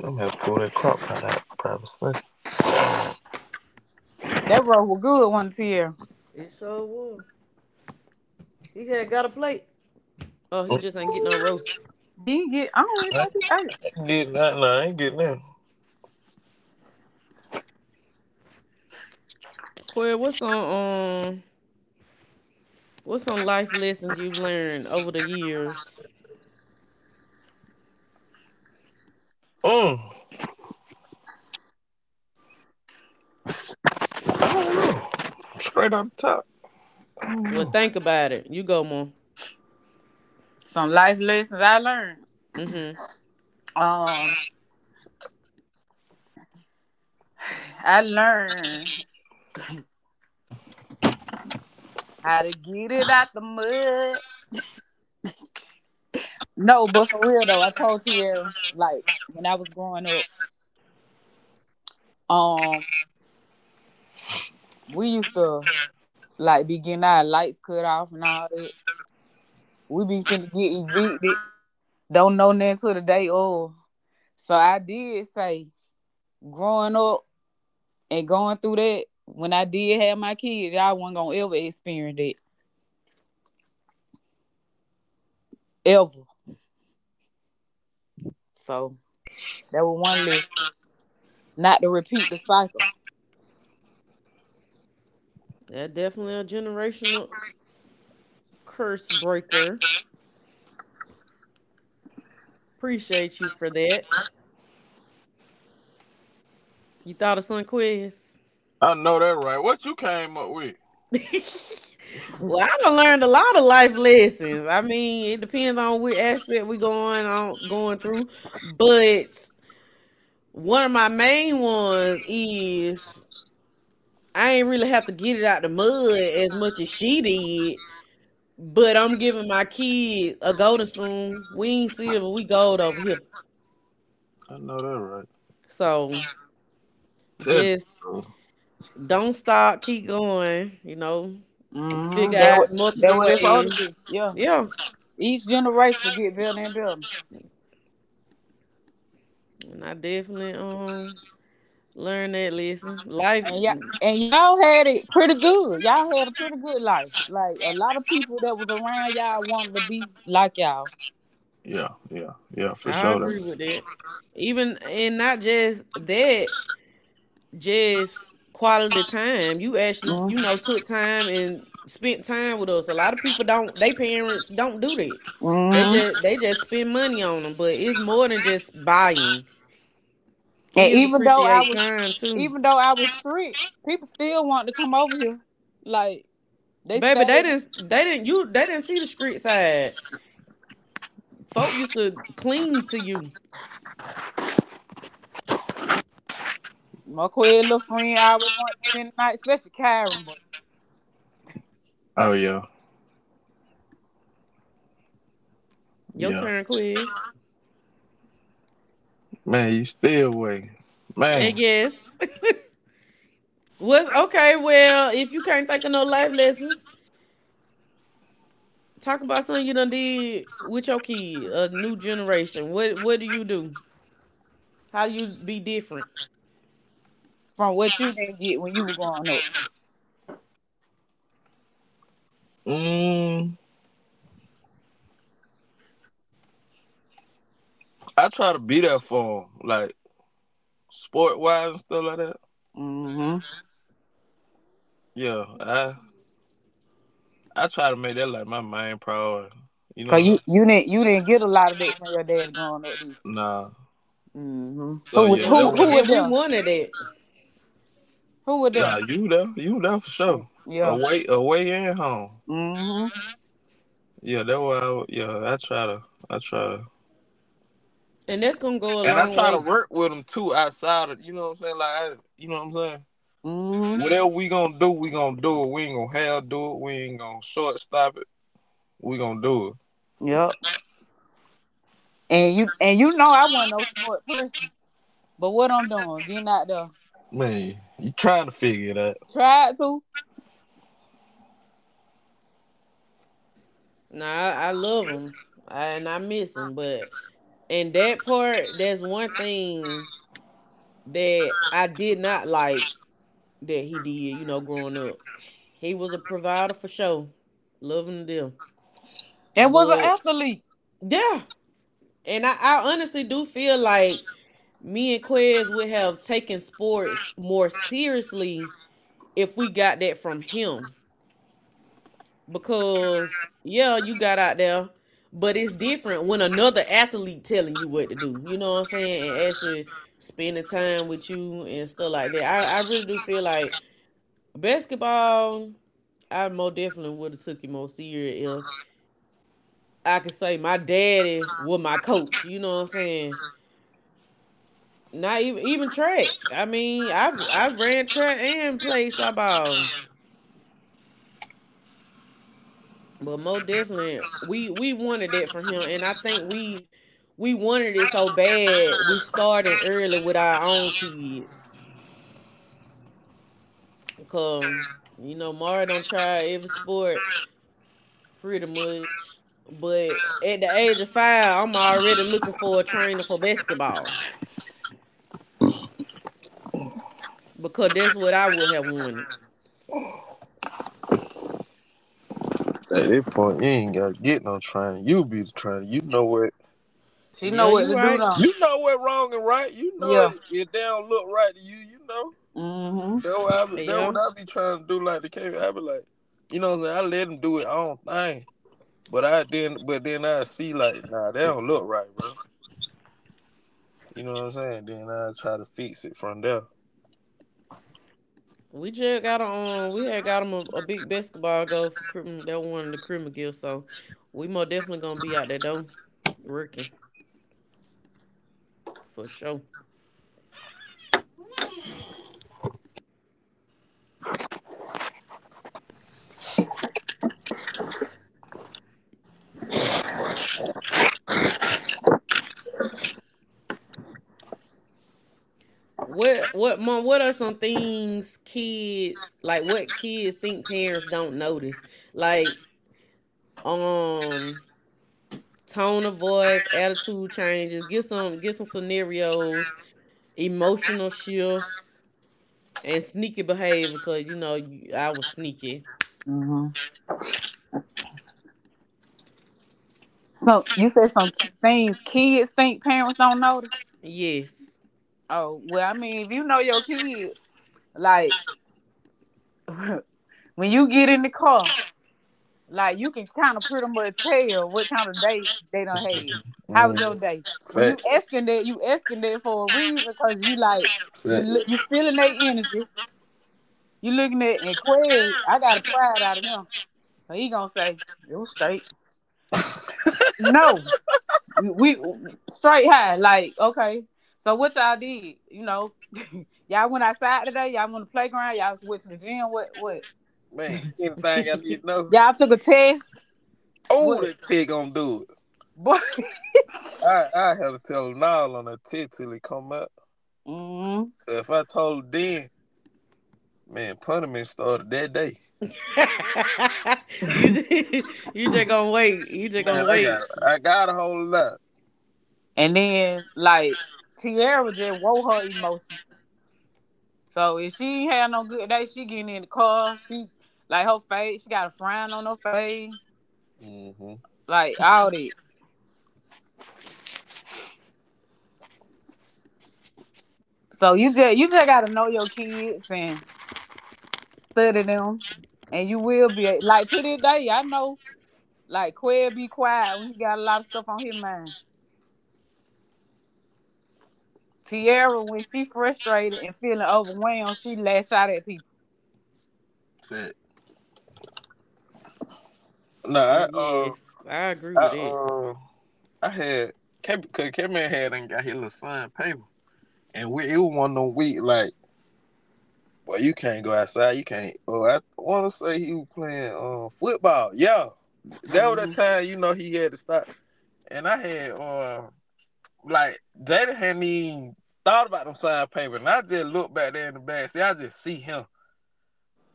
C: I'm gonna have to pull that crock pot out, probably.
B: That bro was good one year.
A: It sure will. He had got a plate. Oh, he
C: Mm.
A: just ain't getting no roast.
B: He ain't get. I don't even
C: I
B: think he ate.
C: ain't getting that. No, I ain't getting that.
A: Queer, what's some life lessons you've learned over the years?
C: Mm. I don't know. Straight up top. I don't
A: Well,
C: know.
A: think about it. You go, Mom.
B: Some life lessons I learned.
A: Mm-hmm.
B: Um, I learned how to get it out the mud. No, but for real though, I told Tierra like when I was growing up. Um, we used to like be getting our lights cut off and all that. We be finna get evicted. Don't know nothing till the day of. So I did say growing up. And going through that, when I did have my kids, y'all wasn't gonna ever experience that. Ever. So that was one lesson. Not to repeat the cycle.
A: That definitely a generational curse breaker. Appreciate you for that. You thought of Sunquest?
C: I know that right. What you came up with?
A: (laughs) Well, I done learned a lot of life lessons. I mean, it depends on which aspect we going on going through. But one of my main ones is I ain't really have to get it out the mud as much as she did. But I'm giving my kid a golden spoon. We ain't silver, we gold over here.
C: I know that right.
A: So
C: Tell it,
A: just
C: bro.
A: don't stop, keep going, you know, figure
B: Mm-hmm. That
A: out
B: what that
A: multiple
B: what it for all to
A: ways.
B: be. Yeah.
A: Yeah.
B: Each generation get better and better.
A: And I definitely learned that lesson. Life,
B: And y'all and y'all had it pretty good. Y'all had a pretty good life. Like a lot of people that was around y'all wanted to be like y'all.
C: Yeah, yeah, yeah, for sure.
A: I
C: That.
A: agree
B: Mm-hmm.
A: with that. Even and not just that, just quality time. You actually,
B: Mm-hmm.
A: you know, took time and spent time with us. A lot of people don't. They parents don't do that.
B: Mm-hmm.
A: They just spend money on them. But it's more than just buying.
B: And
A: Kids
B: even though I
A: appreciate
B: was
A: time too.
B: even though I was strict, people still wanted to come over here. Like they
A: Baby,
B: stayed.
A: they didn't you they didn't see the street side. Folk used to cling to you.
B: My queer little friend always wanted to spend the night, especially Karen. But
C: Oh yeah,
A: Your
C: yeah.
A: turn, quiz.
C: Man, you stay away,
A: I
C: man.
A: guess. (laughs) What's okay? Well, if you can't think of no life lessons, talk about something you done did with your kid, a new generation. What do you do? How do you be different?
B: from what you didn't get when you were growing up,
C: Mm, I try to be there for him, like sport wise and stuff like that.
B: mm-hmm.
C: Yeah, I try to make that like my main priority. You know what
B: Cause
C: I'm
B: you
C: saying?
B: you didn't you didn't get a lot of that from your dad growing up, did you?
C: Nah.
B: Mm-hmm. Who
C: So
B: would
C: yeah,
A: And
C: that
B: who who were
C: was
A: we
B: there?
A: wanted that,
B: Who were
C: nah.
B: there?
C: You there for
B: Y-
C: sure.
B: Yeah.
C: Away, away and home.
B: Mm-hmm.
C: Yeah, that why. Yeah, I try to,
A: and that's gonna go a
C: and I
A: long
C: try to
A: way.
C: work with them too outside of. You know what I'm saying? You know what I'm saying?
B: Mm-hmm.
C: Whatever we gonna do it. We ain't gonna half do it. We ain't gonna shortstop it. We gonna do it.
B: Yep. And you know I wasn't no sport person, but what I'm doing, getting out there,
C: Man, you trying to figure it out.
B: tried to,
A: Now I love them, and I miss them, but and that part, that's one thing that I did not like that he did. You know, growing up, he was a provider for sure, loving them,
B: and was an
A: but
B: athlete.
A: yeah, And I honestly do feel like me and Quez would have taken sports more seriously if we got that from him. Because yeah, you got out there, but it's different when another athlete telling you what to do. You know what I'm saying? And actually spending time with you and stuff like that. I really do feel like basketball. I more definitely would have took it more serious if I could say my daddy was my coach. You know what I'm saying? Not even Even track. I mean, I ran track and played softball, but most definitely we wanted that from him, and I think we wanted it so bad we started early with our own kids. Cause you know Mara don't try every sport pretty much, but at the age of five, I'm already looking for a trainer for basketball because that's what I would have wanted.
C: At this point, you ain't gotta get no training. You be the trainer.
B: She
A: Yeah,
B: know what
A: you
B: to do
A: right.
B: now.
C: You know what wrong and right. You know
B: Yeah.
C: it, it don't look right to you, you know.
B: Mm-hmm.
C: That
A: Yeah.
C: what I be trying to do like the cave. I be like, you know what I'm saying? I let them do it own thing. But then I see like, nah, they don't look right, bro. You know what I'm saying? Then I try to fix it from there.
A: We just got we had got him a big basketball goal for criminal. That one of the criminal gift. So we most definitely gonna be out there though, working for sure.
C: (laughs)
A: What mom? What are some things kids like? What kids think parents don't notice? Like um, tone of voice, attitude changes. Get some scenarios, emotional shifts, and sneaky behavior. Cause you know you- I was sneaky.
B: So you said some k- things kids think parents don't notice.
A: Yes.
B: Oh well, I mean, if you know your kid, like (laughs) when you get in the car, like you can kind of pretty much tell what kind of day they done had. How was your
C: Mm-hmm.
B: day? When
C: Fact.
B: you asking that for a reason, cause you like you look,
C: Fact.
B: you feeling their energy. You looking at and Quig, I got a pride out of him. So he gonna say it was straight. No, we straight high. Like, okay. So what y'all did, you know, (laughs) y'all went outside today, y'all went to the playground, y'all went to the gym, what what?
C: Man, anything I need to know?
B: Y'all took a test,
C: Oh,
B: what?
C: that Tig gonna do it.
B: Boy.
C: I had to tell Nile on that Tig till he come up.
B: (laughs) mm
C: So if I told him then, man, punishment started that day.
A: (laughs) you just, you just gonna wait. You just gonna
C: Man,
A: wait.
C: I got a whole lot.
B: And then like Tiara just wore her emotion. So if she ain't had no good day, she getting in the car, she like her face, she got a frown on her face,
C: Mm-hmm.
B: like all that. So you just gotta know your kids and study them. And you will be like to this day, I know Like Quail be quiet when he got a lot of stuff on his mind. Tierra, when she frustrated and feeling overwhelmed, she lash out at people.
C: Fact. Nah,
A: Mm, Yes, I agree
C: I
A: with it.
C: uh I had Kevin had and got his little son paper. And we it was one of them week like boy, you can't go outside. You can't. Oh, I want to say he was playing football. Yeah. That was the
B: Mm
C: time you know he had to stop. And I had like Jada hadn't even thought about them signed papers, and I just looked back there in the back. See, I just see him.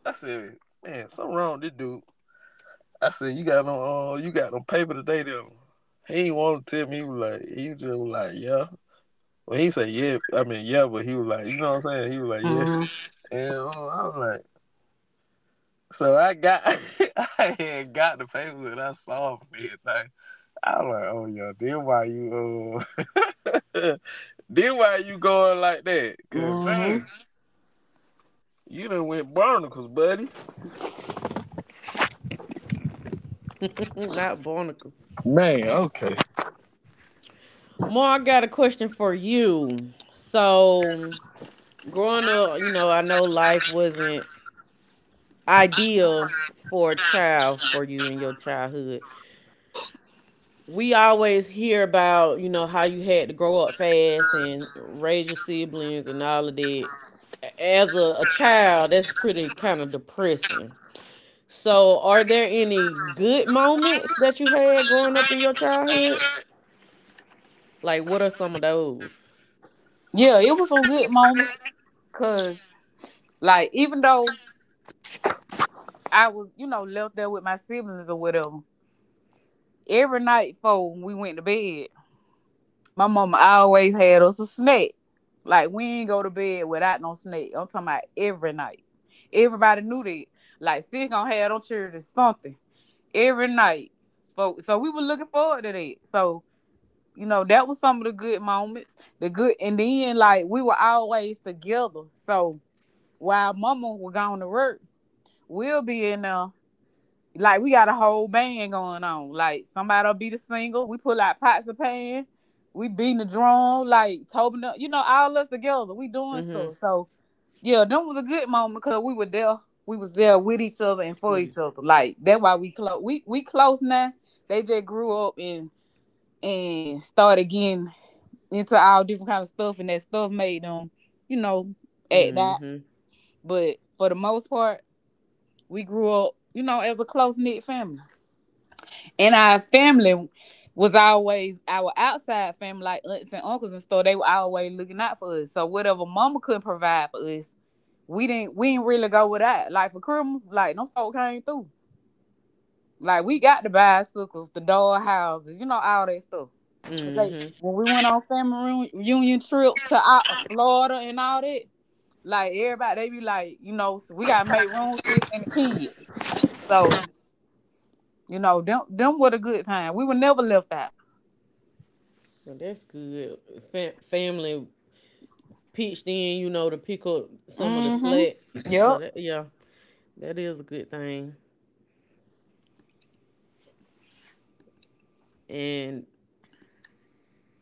C: I said, "Man, something wrong with this dude." I said, you got no paper today, then." He ain't want to tell me. He was like, he just was like, "Yeah." When he said, "Yeah," I mean, "Yeah," but he was like, you know what I'm saying? He was like, "Yeah,"
B: hmm
C: and I was like. So I got, (laughs) I had got the papers and I saw him and everything. I was like, oh yeah, then why you, uh, (laughs) then why you going like that? Cause
B: hmm hmm
C: man, you done went barnacles, buddy.
A: (laughs) Not barnacles.
C: Man, okay.
A: More, I got a question for you. So, growing up, you know, I know life wasn't ideal for a child for you in your childhood. We always hear about, you know, how you had to grow up fast and raise your siblings and all of that. As a child, that's pretty kind of depressing. So, are there any good moments that you had growing up in your childhood? Like, what are some of those?
B: Yeah, it was a good moment because, like, even though I was, you know, left there with my siblings or whatever, every night before we went to bed, my mama always had us a snack. Like, we ain't go to bed without no snack. I'm talking about every night. Everybody knew that. Like, she gonna have them children something. Every night. So we were looking forward to that. So, you know, that was some of the good moments. The good, and then like we were always together. So while Mama was going to work, we'll be in there. Like we got a whole band going on. Like somebody'll be the single. We pull out pots of pan. We beating the drum. Like Tobin, up- you know, all us together. We doing
A: Mhm.
B: stuff. So yeah, that was a good moment because we were there. We was there with each other and for
A: Mhm.
B: each other. Like that's why we close. We close now. They just grew up and started getting into all different kinds of stuff, and that stuff made them, you know, act that. But for the most part, we grew up, you know, as a close knit family. And our family was always our outside family, like aunts and uncles and stuff. They were always looking out for us. So whatever mama couldn't provide for us, we didn't really go with that. Like for Christmas, like no folk came through. Like we got the bicycles, the doll houses, you know, all that stuff. Cause they
A: Mhm.
B: when we went on family reu- reunion trips to out of Florida and all that, like everybody they be like, you know, so we gotta make room for sis and the kids. So you know, them were a good time. We were never left out.
A: Well, that's good. Family pitched in, you know, to pick up some of the
B: Mm-hmm.
A: slack. (clears throat) So
B: Yep.
A: that yeah, that is a good thing. And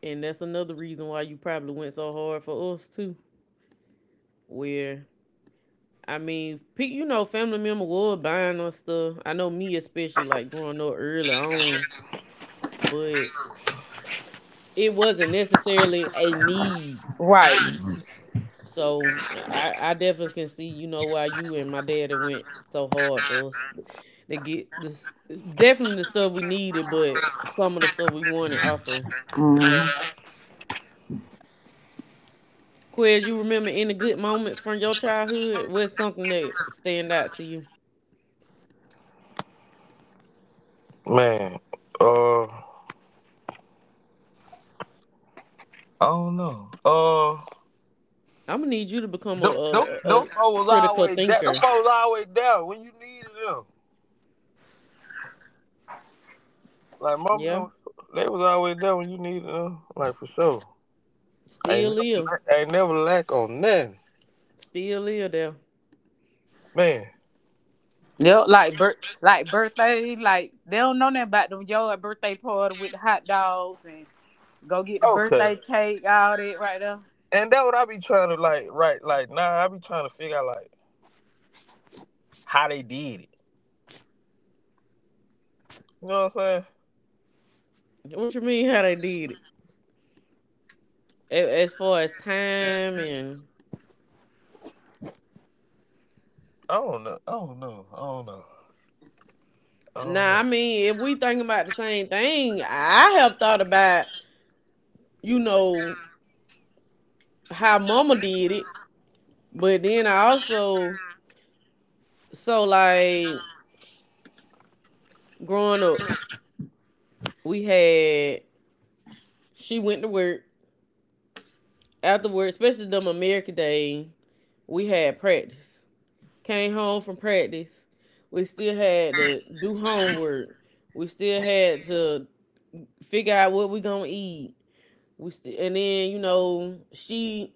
A: and that's another reason why you probably went so hard for us too. Where I mean, pe- you know, family member was buying us stuff. I know me especially, like growing up early on, but it wasn't necessarily a need.
B: Right.
A: So I definitely can see, you know, why you and my daddy went so hard for us to get this. Definitely the stuff we needed, but some of the stuff we wanted also.
B: Mhm.
A: Quez, you remember any good moments from your childhood? What's something that stand out to you?
C: Man, I don't know.
A: I'm gonna need you to become
C: Them
A: a
C: folks was
A: critical
C: always there. Them folks
A: thinker.
C: was always there when you needed them. Like
A: Yeah,
C: mom, they was always there when you needed them. Like for sure.
A: still live,
C: I ain't never lack on nothing,
A: still live there.
C: man.
B: Yep, like bir- like birthday, like they don't know nothing about them yo a birthday party with hot dogs and go get the
C: Okay.
B: birthday cake, all that right there.
C: And that what I be trying to like, right? Like, nah, I be trying to figure out like how they did it. You know what I'm saying?
A: What you mean? How they did it? As far as time and
C: Oh no! Oh no! Oh no! Oh no!
A: Now, I mean, if we thinking about the same thing, I have thought about, you know, how mama did it. But then I also, so like growing up, we had, she went to work. After work, especially them American Day, we had practice. Came home from practice. We still had to do homework. We still had to figure out what we gonna eat. We still, and then, you know, she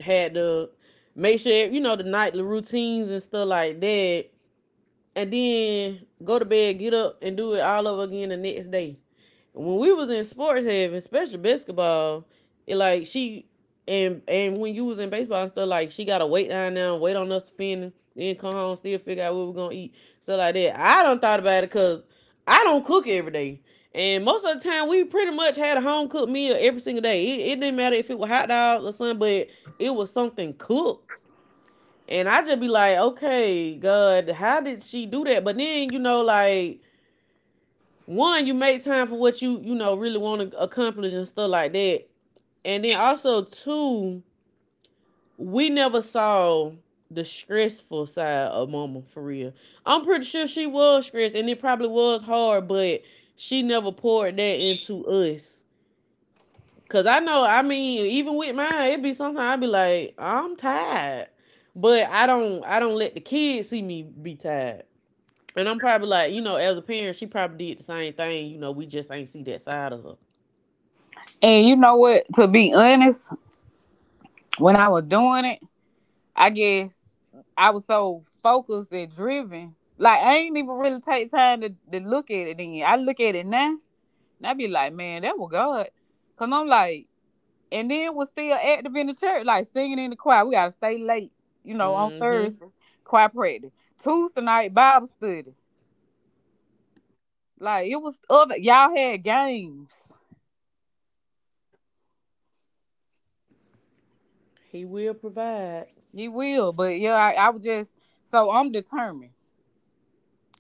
A: had to make sure you know the nightly routines and stuff like that, and then go to bed, get up, and do it all over again the next day when we was in sports heaven, especially basketball, it like she and when you was in baseball and stuff, like she gotta wait down there, wait on us to finish, then come home, still figure out what we're gonna eat, stuff like that. I don't thought about it because I don't cook every day. And most of the time, we pretty much had a home cooked meal every single day. It didn't matter if it was hot dogs or something, but it was something cooked. And I just be like, okay, God, how did she do that? But then, you know, like, one, you make time for what you, really want to accomplish and stuff like that. And then also two, we never saw the stressful side of mama for real. I'm pretty sure she was stressed and it probably was hard, but she never poured that into us. Cause I know, I mean, even with mine, it be sometimes I be like, I'm tired. But I don't let the kids see me be tired. And I'm probably like, you know, as a parent, she probably did the same thing. You know, we just ain't see that side of her.
B: And you know what? To be honest, when I was doing it, I guess I was so focused and driven. Like I ain't even really take time to look at it then. I look at it now and I be like, man, that was God. Cause I'm like, and then was still active in the church, like singing in the choir. We gotta stay late, you know, on
A: Mm-hmm.
B: Thursday, choir practice. Tuesday night Bible study. Like it was other y'all had games.
A: He will provide.
B: You will, but yeah, I was just so I'm determined.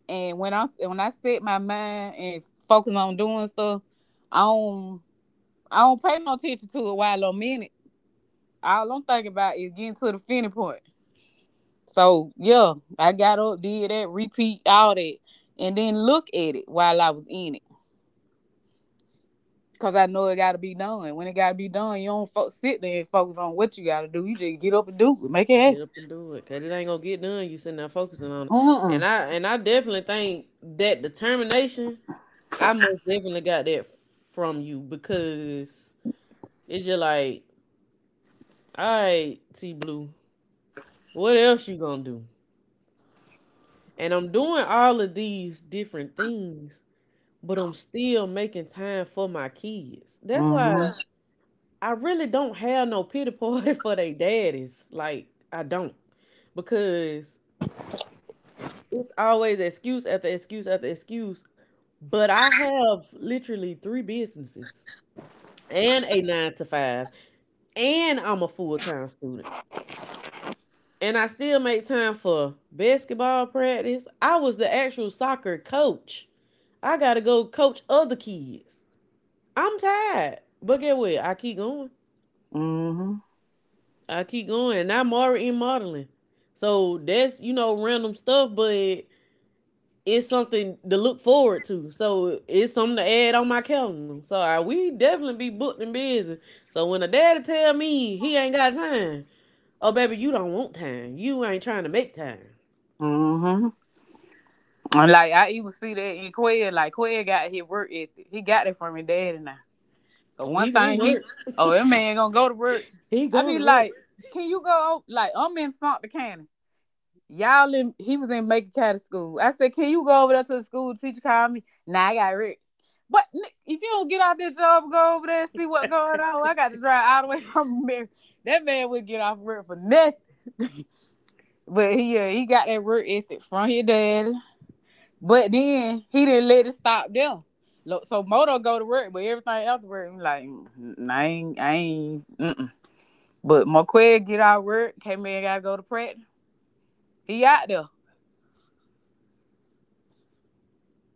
B: And when I set my mind and focus on doing stuff, I don't I don't pay no attention to it while I'm in it. All I'm thinking about is getting to the finish point. So yeah, I got up, did that, repeat all that, and then look at it while I was in it, cause I know it gotta be done. When it gotta be done, you don't fo- sit there and focus on what you gotta do. You just get up and do it, make it
A: Get
B: happen.
A: up and do it. Cause it ain't gonna get done. You sitting there focusing on it.
B: Mm
A: And I definitely think that determination, I most definitely got that from you because it's just like, all right, T Blue, what else you gonna do? And I'm doing all of these different things, but I'm still making time for my kids. That's why
B: mm
A: I really don't have no pity party (laughs) for they daddies. Like I don't because it's always excuse after excuse after excuse. But I have literally three businesses and a 9 to 5, and I'm a full time student. And I still make time for basketball practice. I was the actual soccer coach. I got to go coach other kids. I'm tired. But get what? I keep going.
B: mm
A: I keep going. And I'm already in modeling. So that's, you know, random stuff. But it's something to look forward to. So it's something to add on my calendar. So we definitely be booked and busy. So when a daddy tell me he ain't got time, oh baby, you don't want time. You ain't trying to make time.
B: mm mm. And like I even see that in Quail. Like Quail got his work ethic. He got it from his daddy now. But
A: Oh,
B: one
A: he gonna
B: thing he,
A: work.
B: oh that man gonna go to work.
A: He
B: I
A: going
B: be
A: to
B: like,
A: work.
B: can you go? Like I'm in Santa County. Y'all in he was in Macon County School. I said, can you go over there to the school? The teacher called me. Nah, I got Rick. But if you don't get out that job, and go over there and see what's going on. I got to drive all the way (laughs) from Mary. That man would get off work for nothing. But he he got that work ethic from his daddy. But then he didn't let it stop them. So Moto go to work, but everything else work, like, "Mm, mm, I ain't, mm-mm. But McQuaid get out of work, came in, gotta go to practice. He out there.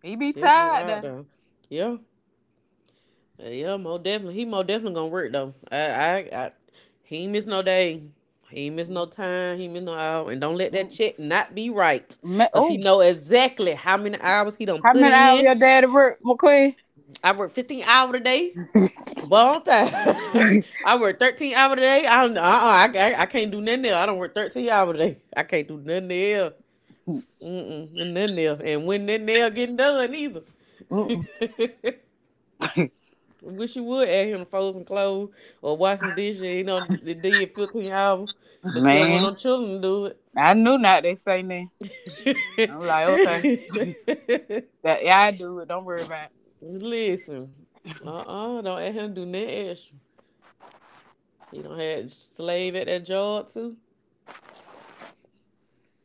B: He be
A: Definitely
B: tired
A: out
B: now.
A: though. Yeah, yeah, more definitely. He more definitely gonna work though. I he ain't miss no day. He ain't miss no time. He ain't miss no hour. And don't let that
B: Mm.
A: check not be right,
B: Ma-
A: cause he
B: Oh,
A: know exactly how many hours he done
B: how
A: put
B: many hours
A: in.
B: your daddy work, McQueen?
A: I work 15 hours a day, but on time. (laughs) I work 13 hours a day. I don't, I can't do nothing else. I don't work 13 hours a day. I can't do nothing else. Mm-mm, nothing else. And when that nail getting done either. (laughs)
B: Mm-mm. (laughs)
A: Wish you would add him to fold some clothes or wash some dishes. You know, they did 15 hours, but tell one of
B: Man,
A: them children to do
B: I knew not they say that.
A: it.
B: I'm like, okay, that yeah, I do it. Don't worry about it.
A: (laughs) Listen, uh-uh, don't ask him to do nothing extra. He don't have slave at that job too.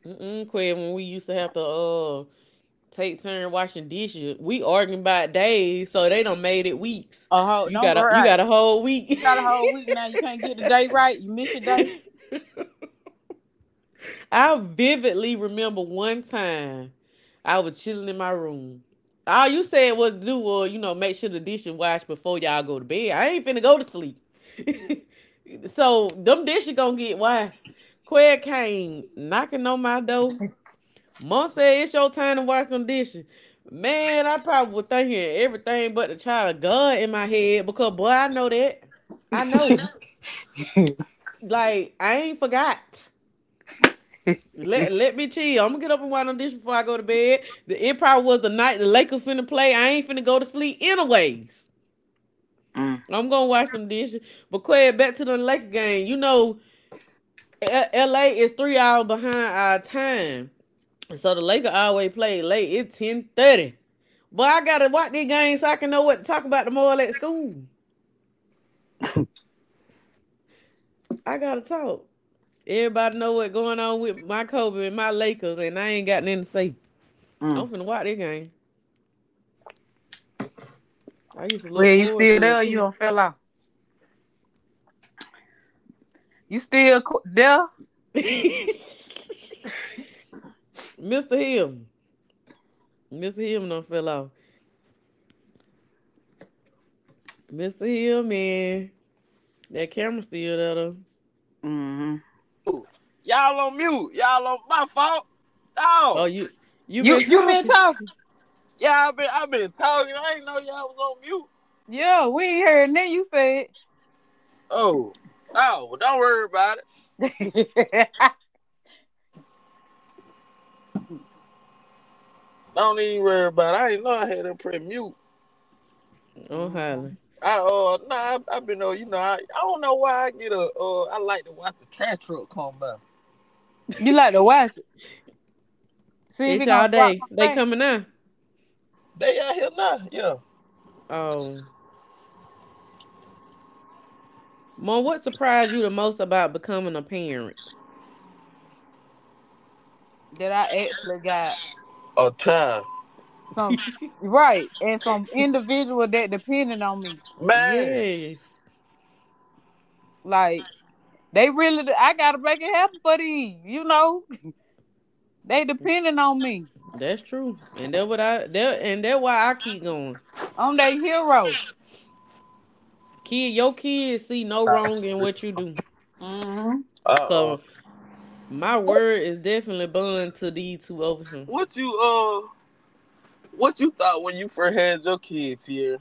A: Mm-mm. Quinn, when we used to have to take turn washing dishes, we arguing about days, so they done made it weeks.
B: Oh, ho-
A: You
B: don't
A: got a
B: worry.
A: you
B: Right.
A: got a whole
B: You
A: week.
B: got a whole week
A: (laughs)
B: now. You can't get the day right. You miss your day.
A: I vividly remember one time I was chilling in my room. All you said was to do was, you know, make sure the dishes washed before y'all go to bed. I ain't finna go to sleep. (laughs) So them dishes gonna get washed. Quinn came knocking on my door. Mom said it's your time to wash them dishes. Man, I probably was thinking everything but the child of God in my head because boy, I know that. I know.
B: (laughs)
A: Like I ain't forgot. Let me chill. I'm gonna get up and wash them dishes before I go to bed. The It probably was the night the Lakers finna play. I ain't finna go to sleep anyways.
B: Mm,
A: I'm gonna wash them dishes. But Quay, back to the Lakers game. You know, LA is 3 hours behind our time. So the Lakers always play late. It's 10:30. But I gotta watch these games so I can know what to talk about tomorrow at school. I gotta talk. Everybody know what's going on with my Kobe and my Lakers, and I ain't got nothing to say. I'm
B: mm.
A: finna watch this game. I used to
B: Well,
A: look
B: you
A: forward
B: still
A: to
B: there?
A: it
B: Or you
A: too.
B: don't fell off. You still co- there?
A: (laughs) Mr. Hill. Mr. Hill done fell off. Mr. Hill, man. That camera still there though.
B: Mm-hmm.
C: Y'all on mute. Y'all on my fault.
A: Oh,
C: Oh,
A: you
B: You
A: been
B: you been
A: talking.
B: talking?
C: yeah, I've been talking. I didn't know y'all was on mute.
B: Yeah, we ain't heard nothing you said.
C: Oh, oh, well, don't worry about it.
B: (laughs)
C: Don't even worry about it. I didn't know I had to press mute.
A: Oh, highly.
B: Mhm.
C: I nah, I've been on. You know, I don't know why I get a I like to watch the trash truck come by.
B: You like to watch it? See if he
A: It's y'all
B: gonna drop
A: day.
B: some
A: They
B: trash.
A: coming now.
C: They out here now. Yeah,
A: Oh. Mom, what surprised you the most about becoming a parent?
B: That I actually got
C: a child
B: some
A: (laughs)
B: right and some individual that depending on me.
C: man.
A: Yes,
B: Like they really, I gotta make it happen for these. You know, (laughs) they depending on me.
A: that's true, and that what I that and that why I keep going.
B: I'm their hero.
A: Kid, your kids see no
C: Uh
A: wrong in what you do.
B: Hmm.
C: oh.
A: Cause my word is definitely bond to these two over here.
C: What you uh? What you thought when you first had your kids here?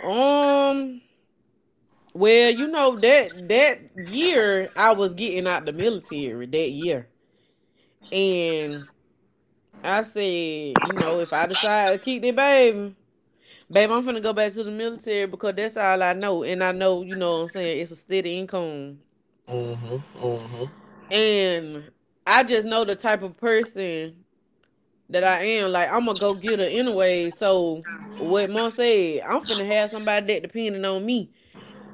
A: Um, well, you know that year I was getting out the military that year, and I said, you know, if I decide to keep the baby, babe, I'm finna go back to the military because that's all I know. And I know, you know what I'm saying, it's a steady income.
C: Hmm, hmm.
A: And I just know the type of person that I am. Like, I'm a go getter anyway. So, what Mom said, I'm finna have somebody that depending on me.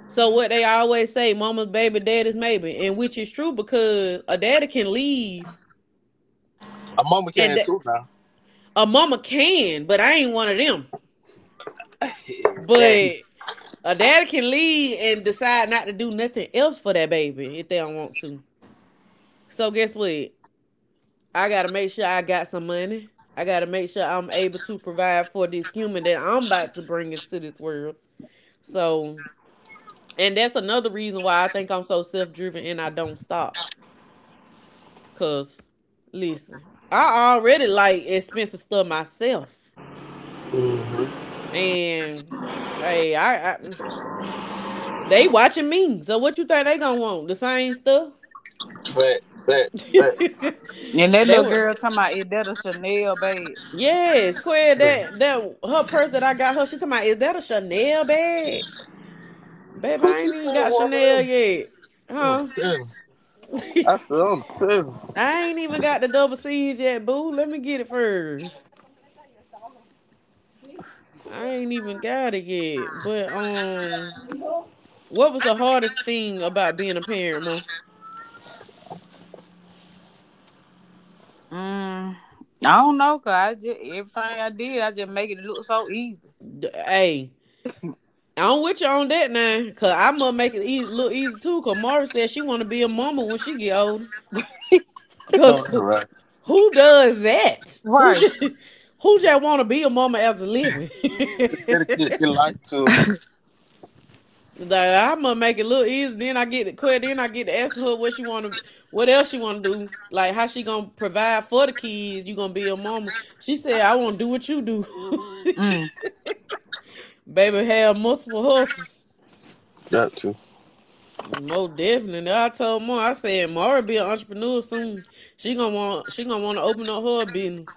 A: So, what they always say, mama's baby, daddy's maybe. And which is true because a daddy can leave
C: My mama can
A: and
C: too now.
A: a mama can, but I ain't one of them.
C: (laughs) Exact.
A: But a dad can leave and decide not to do nothing else for that baby if they don't want to. So guess what? I gotta make sure I got some money. I gotta make sure I'm able to provide for this human that I'm about to bring into this world. So, and that's another reason why I think I'm so self driven and I don't stop. Cause, listen, I already like expensive stuff myself,
C: Hmm.
A: and hey, I they watching me. So what you think they gonna want? The same stuff?
C: Fact, fact, fact.
B: And
A: (laughs)
B: that
A: they
B: little
A: were
B: girl talking about it. That a Chanel bag.
A: Yes, Quinn. That her purse that I got her. She talking about is that a Chanel bag, babe?
C: What
A: I
C: you
A: ain't even
C: saying,
A: got Chanel
C: woman?
A: yet,
C: I'm
A: huh?
C: telling. I said,
A: (laughs)
C: I'm telling you.
A: I ain't even got the double C's yet, boo. Let me get it first. I ain't even got it yet. But what was the hardest thing about being a parent, mom?
B: Mm, I don't know, cause I just everything I did, I just make it look so easy.
A: Hey, I'm with you on that now, cause I'ma make it easy, look easy too. Cause Mara said she wanna be a mama when she get older.
B: (laughs)
C: No,
A: Cause (laughs)
C: that's right.
A: who does that? Who
B: Right.
A: just (laughs) who just want to be a mama as a living? (laughs) Like,
C: Dedicate your life to
A: I'm gonna make it look easy. Then I get to quit. Then I get to asking her what she want to, what else she want to do. Like how she gonna provide for the kids? You gonna be a mama? She said, I want to do what you do.
B: Mm.
A: (laughs) Baby have multiple hustles.
C: that too.
A: Most definitely. I told Mara, I said Mara be an entrepreneur soon. She gonna want to open up her business.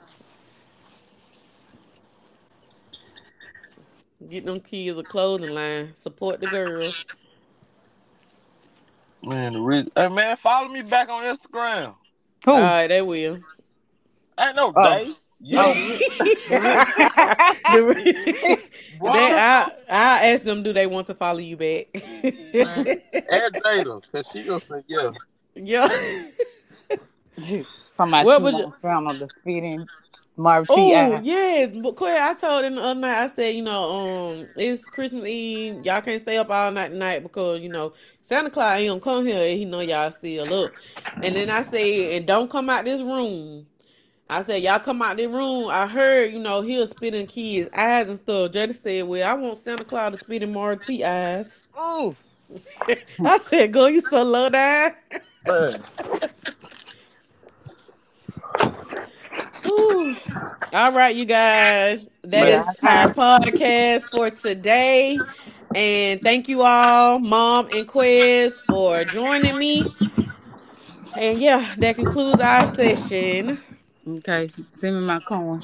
A: Get them kids a clothing line. Support the girls.
C: Man, the reason. Hey man, follow me back on Instagram.
A: All
B: Who?
A: right, they will.
C: Ain't no
B: Oh,
C: day.
B: oh, the
C: You.
B: Rick.
A: (laughs)
B: The Rick.
A: The re-
B: (laughs)
A: (laughs)
C: Boy,
A: they,
C: don't tell
A: I asked them, do they want to follow you back?
C: man.
A: (laughs)
C: Add Jada, cause she gonna say yeah.
A: Yeah.
B: (laughs) Somebody she
A: What was your?
B: wants down on the speeding Marv T
A: Oh
B: I.
A: yes, but Claire, I told them the other night. I said, you know, it's Christmas Eve. Y'all can't stay up all night tonight because you know Santa Claus ain't gonna come here and he know y'all still up. And then I said, and don't come out this room. I said, y'all come out the room. I heard, you know, he was spitting kids' eyes and stuff. Jada said, well, I want Santa Claus to spit in Marty eyes.
C: Mm,
A: (laughs) I
B: (laughs)
A: said, girl, you so low down.
C: man.
A: (laughs) Whew. All right, you guys. That
B: Yeah,
C: Man.
B: I
A: is our
B: can.
A: podcast for today. And thank you all, Mom and Quiz, for joining me. And yeah, that concludes our session.
B: Okay, send me my coin.